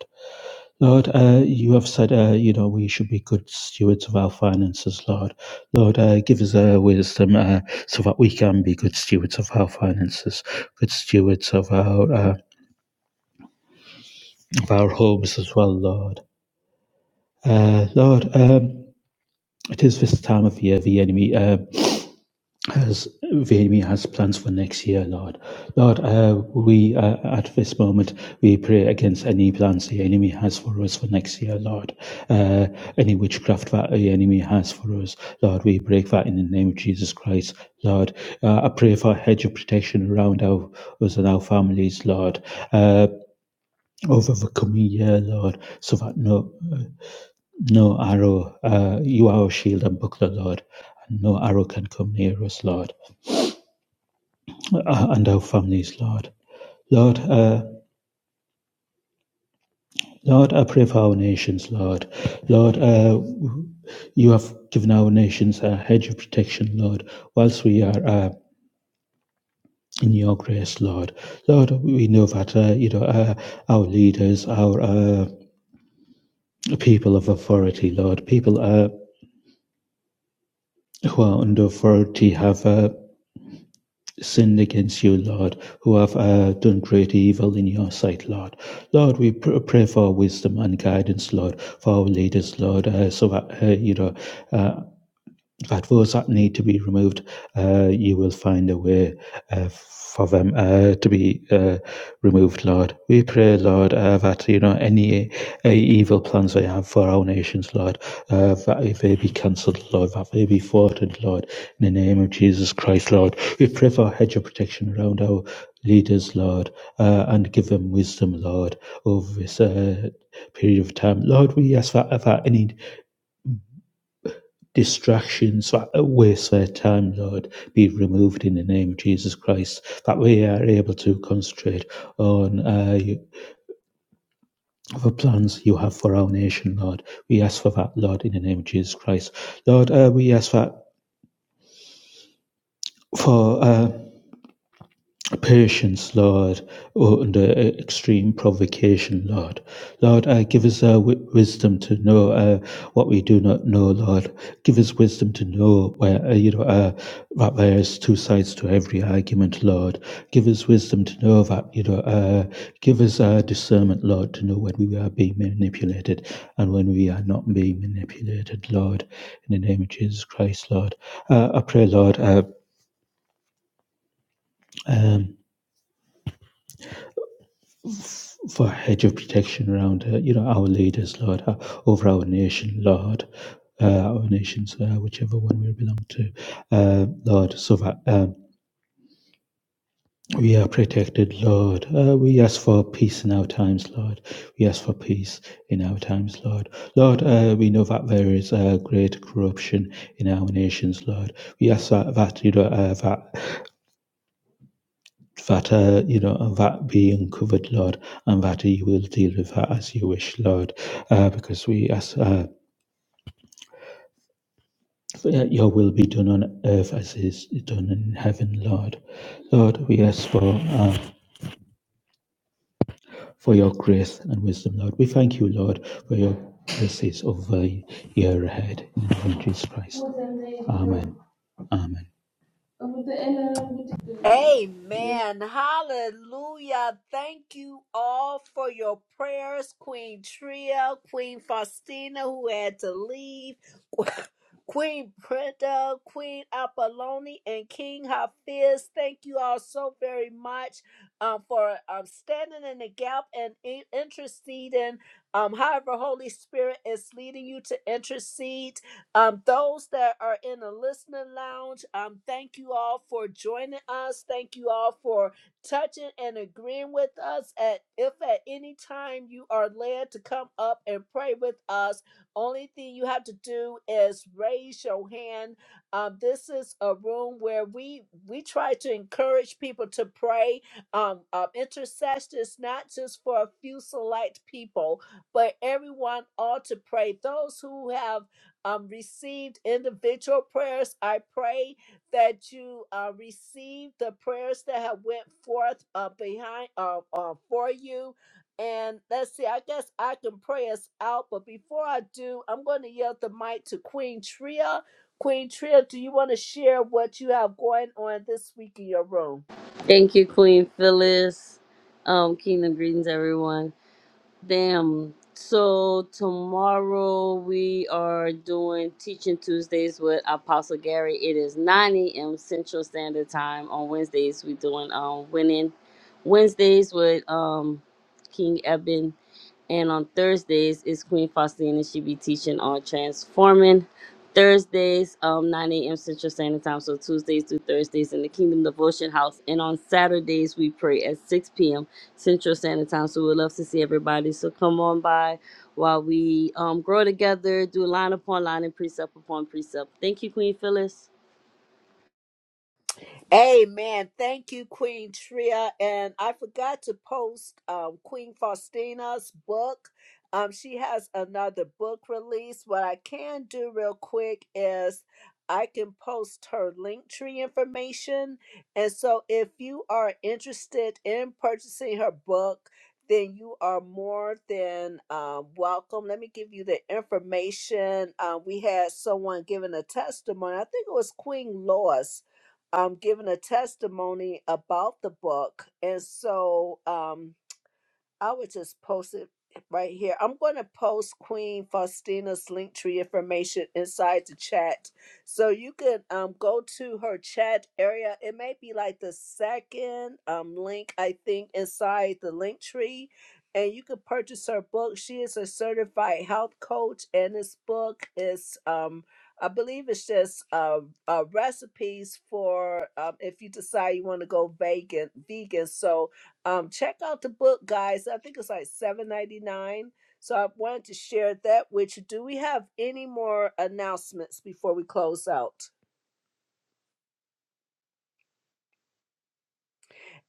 Speaker 7: Lord, uh, you have said, uh, you know, we should be good stewards of our finances, Lord. Lord, uh, give us uh, wisdom uh, so that we can be good stewards of our finances, good stewards of our uh, of our homes as well, Lord. Uh, Lord, um, it is this time of year the enemy. um as Vimy has plans for next year, Lord. Lord, uh, we uh, at this moment we pray against any plans the enemy has for us for next year, Lord. Uh, any witchcraft that the enemy has for us, Lord, we break that in the name of Jesus Christ, Lord. Uh, I pray for a hedge of protection around our, us and our families, Lord, uh, over the coming year, Lord, so that no no arrow, uh, you are our shield and buckler, Lord, and no arrow can come near us, Lord. uh, and our families, Lord. Lord, uh, Lord, I pray for our nations, Lord. Lord, uh, you have given our nations a hedge of protection, Lord, whilst we are uh, in your grace, Lord. Lord, we know that, uh, you know, uh, our leaders, our uh, people of authority, Lord, people uh, who are under authority have uh, sinned against you, Lord, who have uh, done great evil in your sight, Lord. Lord, we pr- pray for wisdom and guidance, Lord, for our leaders, Lord, uh, so that, uh, you know, uh, that those that need to be removed, uh, you will find a way uh, for them uh, to be uh, removed, Lord. We pray, Lord, uh, that you know any uh, evil plans they have for our nations, Lord, uh, that they be cancelled, Lord, that they be thwarted, Lord, in the name of Jesus Christ, Lord. We pray for a hedge of protection around our leaders, Lord, uh, and give them wisdom, Lord, over this uh, period of time. Lord, we ask that, that any distractions that waste their time, Lord, be removed in the name of Jesus Christ, that we are able to concentrate on uh, the plans you have for our nation, Lord. We ask for that, Lord, in the name of Jesus Christ. Lord, uh, we ask that for. Uh, patience, Lord, oh, under uh, extreme provocation, Lord. Lord, uh, give us uh, wi- wisdom to know uh, what we do not know, Lord. Give us wisdom to know where, uh, you know, uh, that there's two sides to every argument, Lord. Give us wisdom to know that, you know, uh, give us uh, discernment, Lord, to know when we are being manipulated and when we are not being manipulated, Lord. In the name of Jesus Christ, Lord. Uh, I pray, Lord, uh, um, for a hedge of protection around uh, you know our leaders, Lord, uh, over our nation, Lord. Uh, our nations, uh, whichever one we belong to, uh, Lord, so that um, we are protected, Lord. Uh, we ask for peace in our times, Lord. We ask for peace in our times, Lord. Lord, uh, we know that there is uh, great corruption in our nations, Lord. We ask that, that you know, uh, that that, uh, you know, and that be uncovered, Lord, and that you will deal with that as you wish, Lord, uh, because we ask uh, that your will be done on earth as is done in heaven, Lord. Lord, we ask for uh, for your grace and wisdom, Lord. We thank you, Lord, for your blessings over the year ahead. In the name of Jesus Christ. Amen. Amen.
Speaker 2: Amen. Hallelujah. Thank you all for your prayers, Queen Tria, Queen Faustina, who had to leave, [laughs] [coughs] Queen Brenda, Queen Apolloni, and King Hafiz. Thank you all so very much um, for um, standing in the gap and in- interceding. Um, however, Holy Spirit is leading you to intercede um, those that are in the listener lounge, um, thank you all for joining us. Thank you all for touching and agreeing with us. At if at any time you are led to come up and pray with us, only thing you have to do is raise your hand. Um, this is a room where we we try to encourage people to pray. Um, um, intercession is not just for a few select people, but everyone ought to pray. Those who have um, received individual prayers. I pray that you uh, receive the prayers that have went forth uh, behind uh, uh, for you. And let's see, I guess I can pray us out, but before I do, I'm going to yield the mic to Queen Tria. Queen Tria, do you want to share what you have going on this week in your room?
Speaker 4: Thank you, Queen Phyllis. Um, kingdom greetings, everyone. Damn. So tomorrow we are doing Teaching Tuesdays with Apostle Gary. It is 9 a.m. Central Standard Time. On Wednesdays, we're doing um winning Wednesdays with um King Eben. And on Thursdays is Queen Faustina. She be teaching on transforming. Thursdays, um, 9 a.m. Central Standard Time. So Tuesdays through Thursdays in the Kingdom Devotion House. And on Saturdays we pray at 6 p.m. Central Standard Time. So we'd love to see everybody. So come on by while we um, grow together, do line upon line and precept upon precept. Thank you, Queen Phyllis.
Speaker 2: Amen. Thank you, Queen Tria. And I forgot to post um, Queen Faustina's book. Um, she has another book release. What I can do real quick is I can post her link tree information. And so if you are interested in purchasing her book, then you are more than um, welcome. Let me give you the information. Um, we had someone giving a testimony. I think it was Queen Lois um, given a testimony about the book. And so um, I would just post it right here. I'm going to post Queen Faustina's Linktree information inside the chat. So you can um, go to her chat area. It may be like the second um, link, I think, inside the Linktree. And you can purchase her book. She is a certified health coach, and this book is, um, I believe, it's just uh, uh, recipes for um, if you decide you want to go vegan. Vegan, so um, check out the book, guys. I think it's like seven ninety nine. So I wanted to share that with you. Do we have any more announcements before we close out?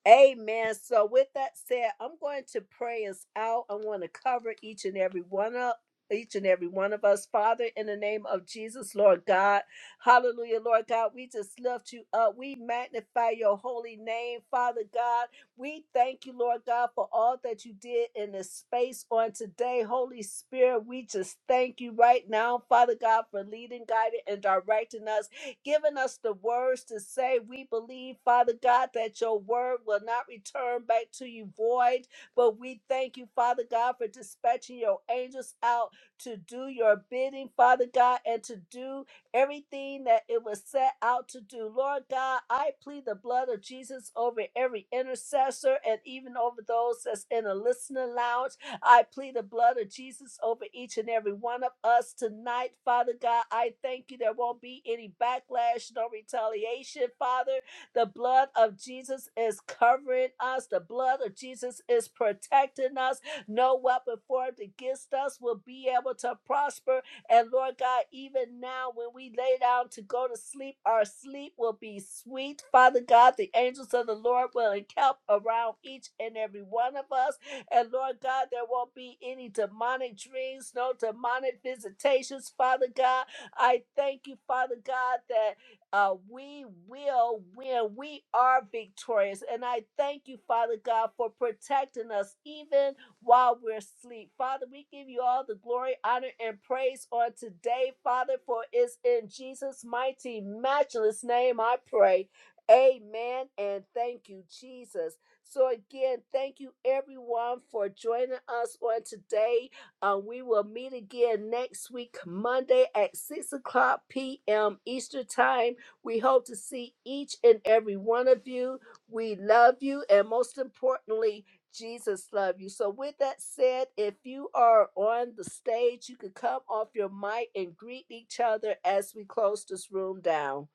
Speaker 2: Amen. So, with that said, I'm going to pray us out. I want to cover each and every one up, each and every one of us, Father, in the name of Jesus, Lord God. Hallelujah, Lord God. We just lift you up. We magnify your holy name, Father God. We thank you, Lord God, for all that you did in this space on today. Holy Spirit, we just thank you right now, Father God, for leading, guiding, and directing us giving us the words to say. We believe, Father God, that your word will not return back to you void, but we thank you, Father God, for dispatching your angels out to do your bidding, Father God, and to do everything that it was set out to do. Lord God, I plead the blood of Jesus over every intercessor and even over those that's in a listening lounge. I plead the blood of Jesus over each and every one of us tonight, Father God. I thank you there won't be any backlash, no retaliation, Father. The blood of Jesus is covering us, the blood of Jesus is protecting us. No weapon formed against us will be able to prosper. And Lord God, even now when we lay down to go to sleep, our sleep will be sweet. Father God, the angels of the Lord will encamp around each and every one of us. And Lord God, there won't be any demonic dreams, no demonic visitations, Father God. I thank you, Father God, that uh, we will win. We are victorious. And I thank you, Father God, for protecting us even while we're asleep. Father, we give you all the glory, honor, and praise on today, Father, for it's in Jesus' mighty, matchless name I pray. Amen. And thank you, Jesus. So, again, thank you everyone for joining us on today. Uh, we will meet again next week, Monday at 6 o'clock p.m. Eastern Time. We hope to see each and every one of you. We love you, and most importantly, Jesus love you. So with that said, if you are on the stage, you can come off your mic and greet each other as we close this room down.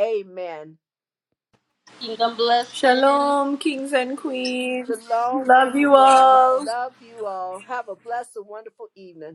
Speaker 2: Amen.
Speaker 6: Shalom, kings and queens.
Speaker 2: Shalom,
Speaker 6: Love you
Speaker 2: everyone.
Speaker 6: all.
Speaker 2: Love you all. Have a blessed and wonderful evening.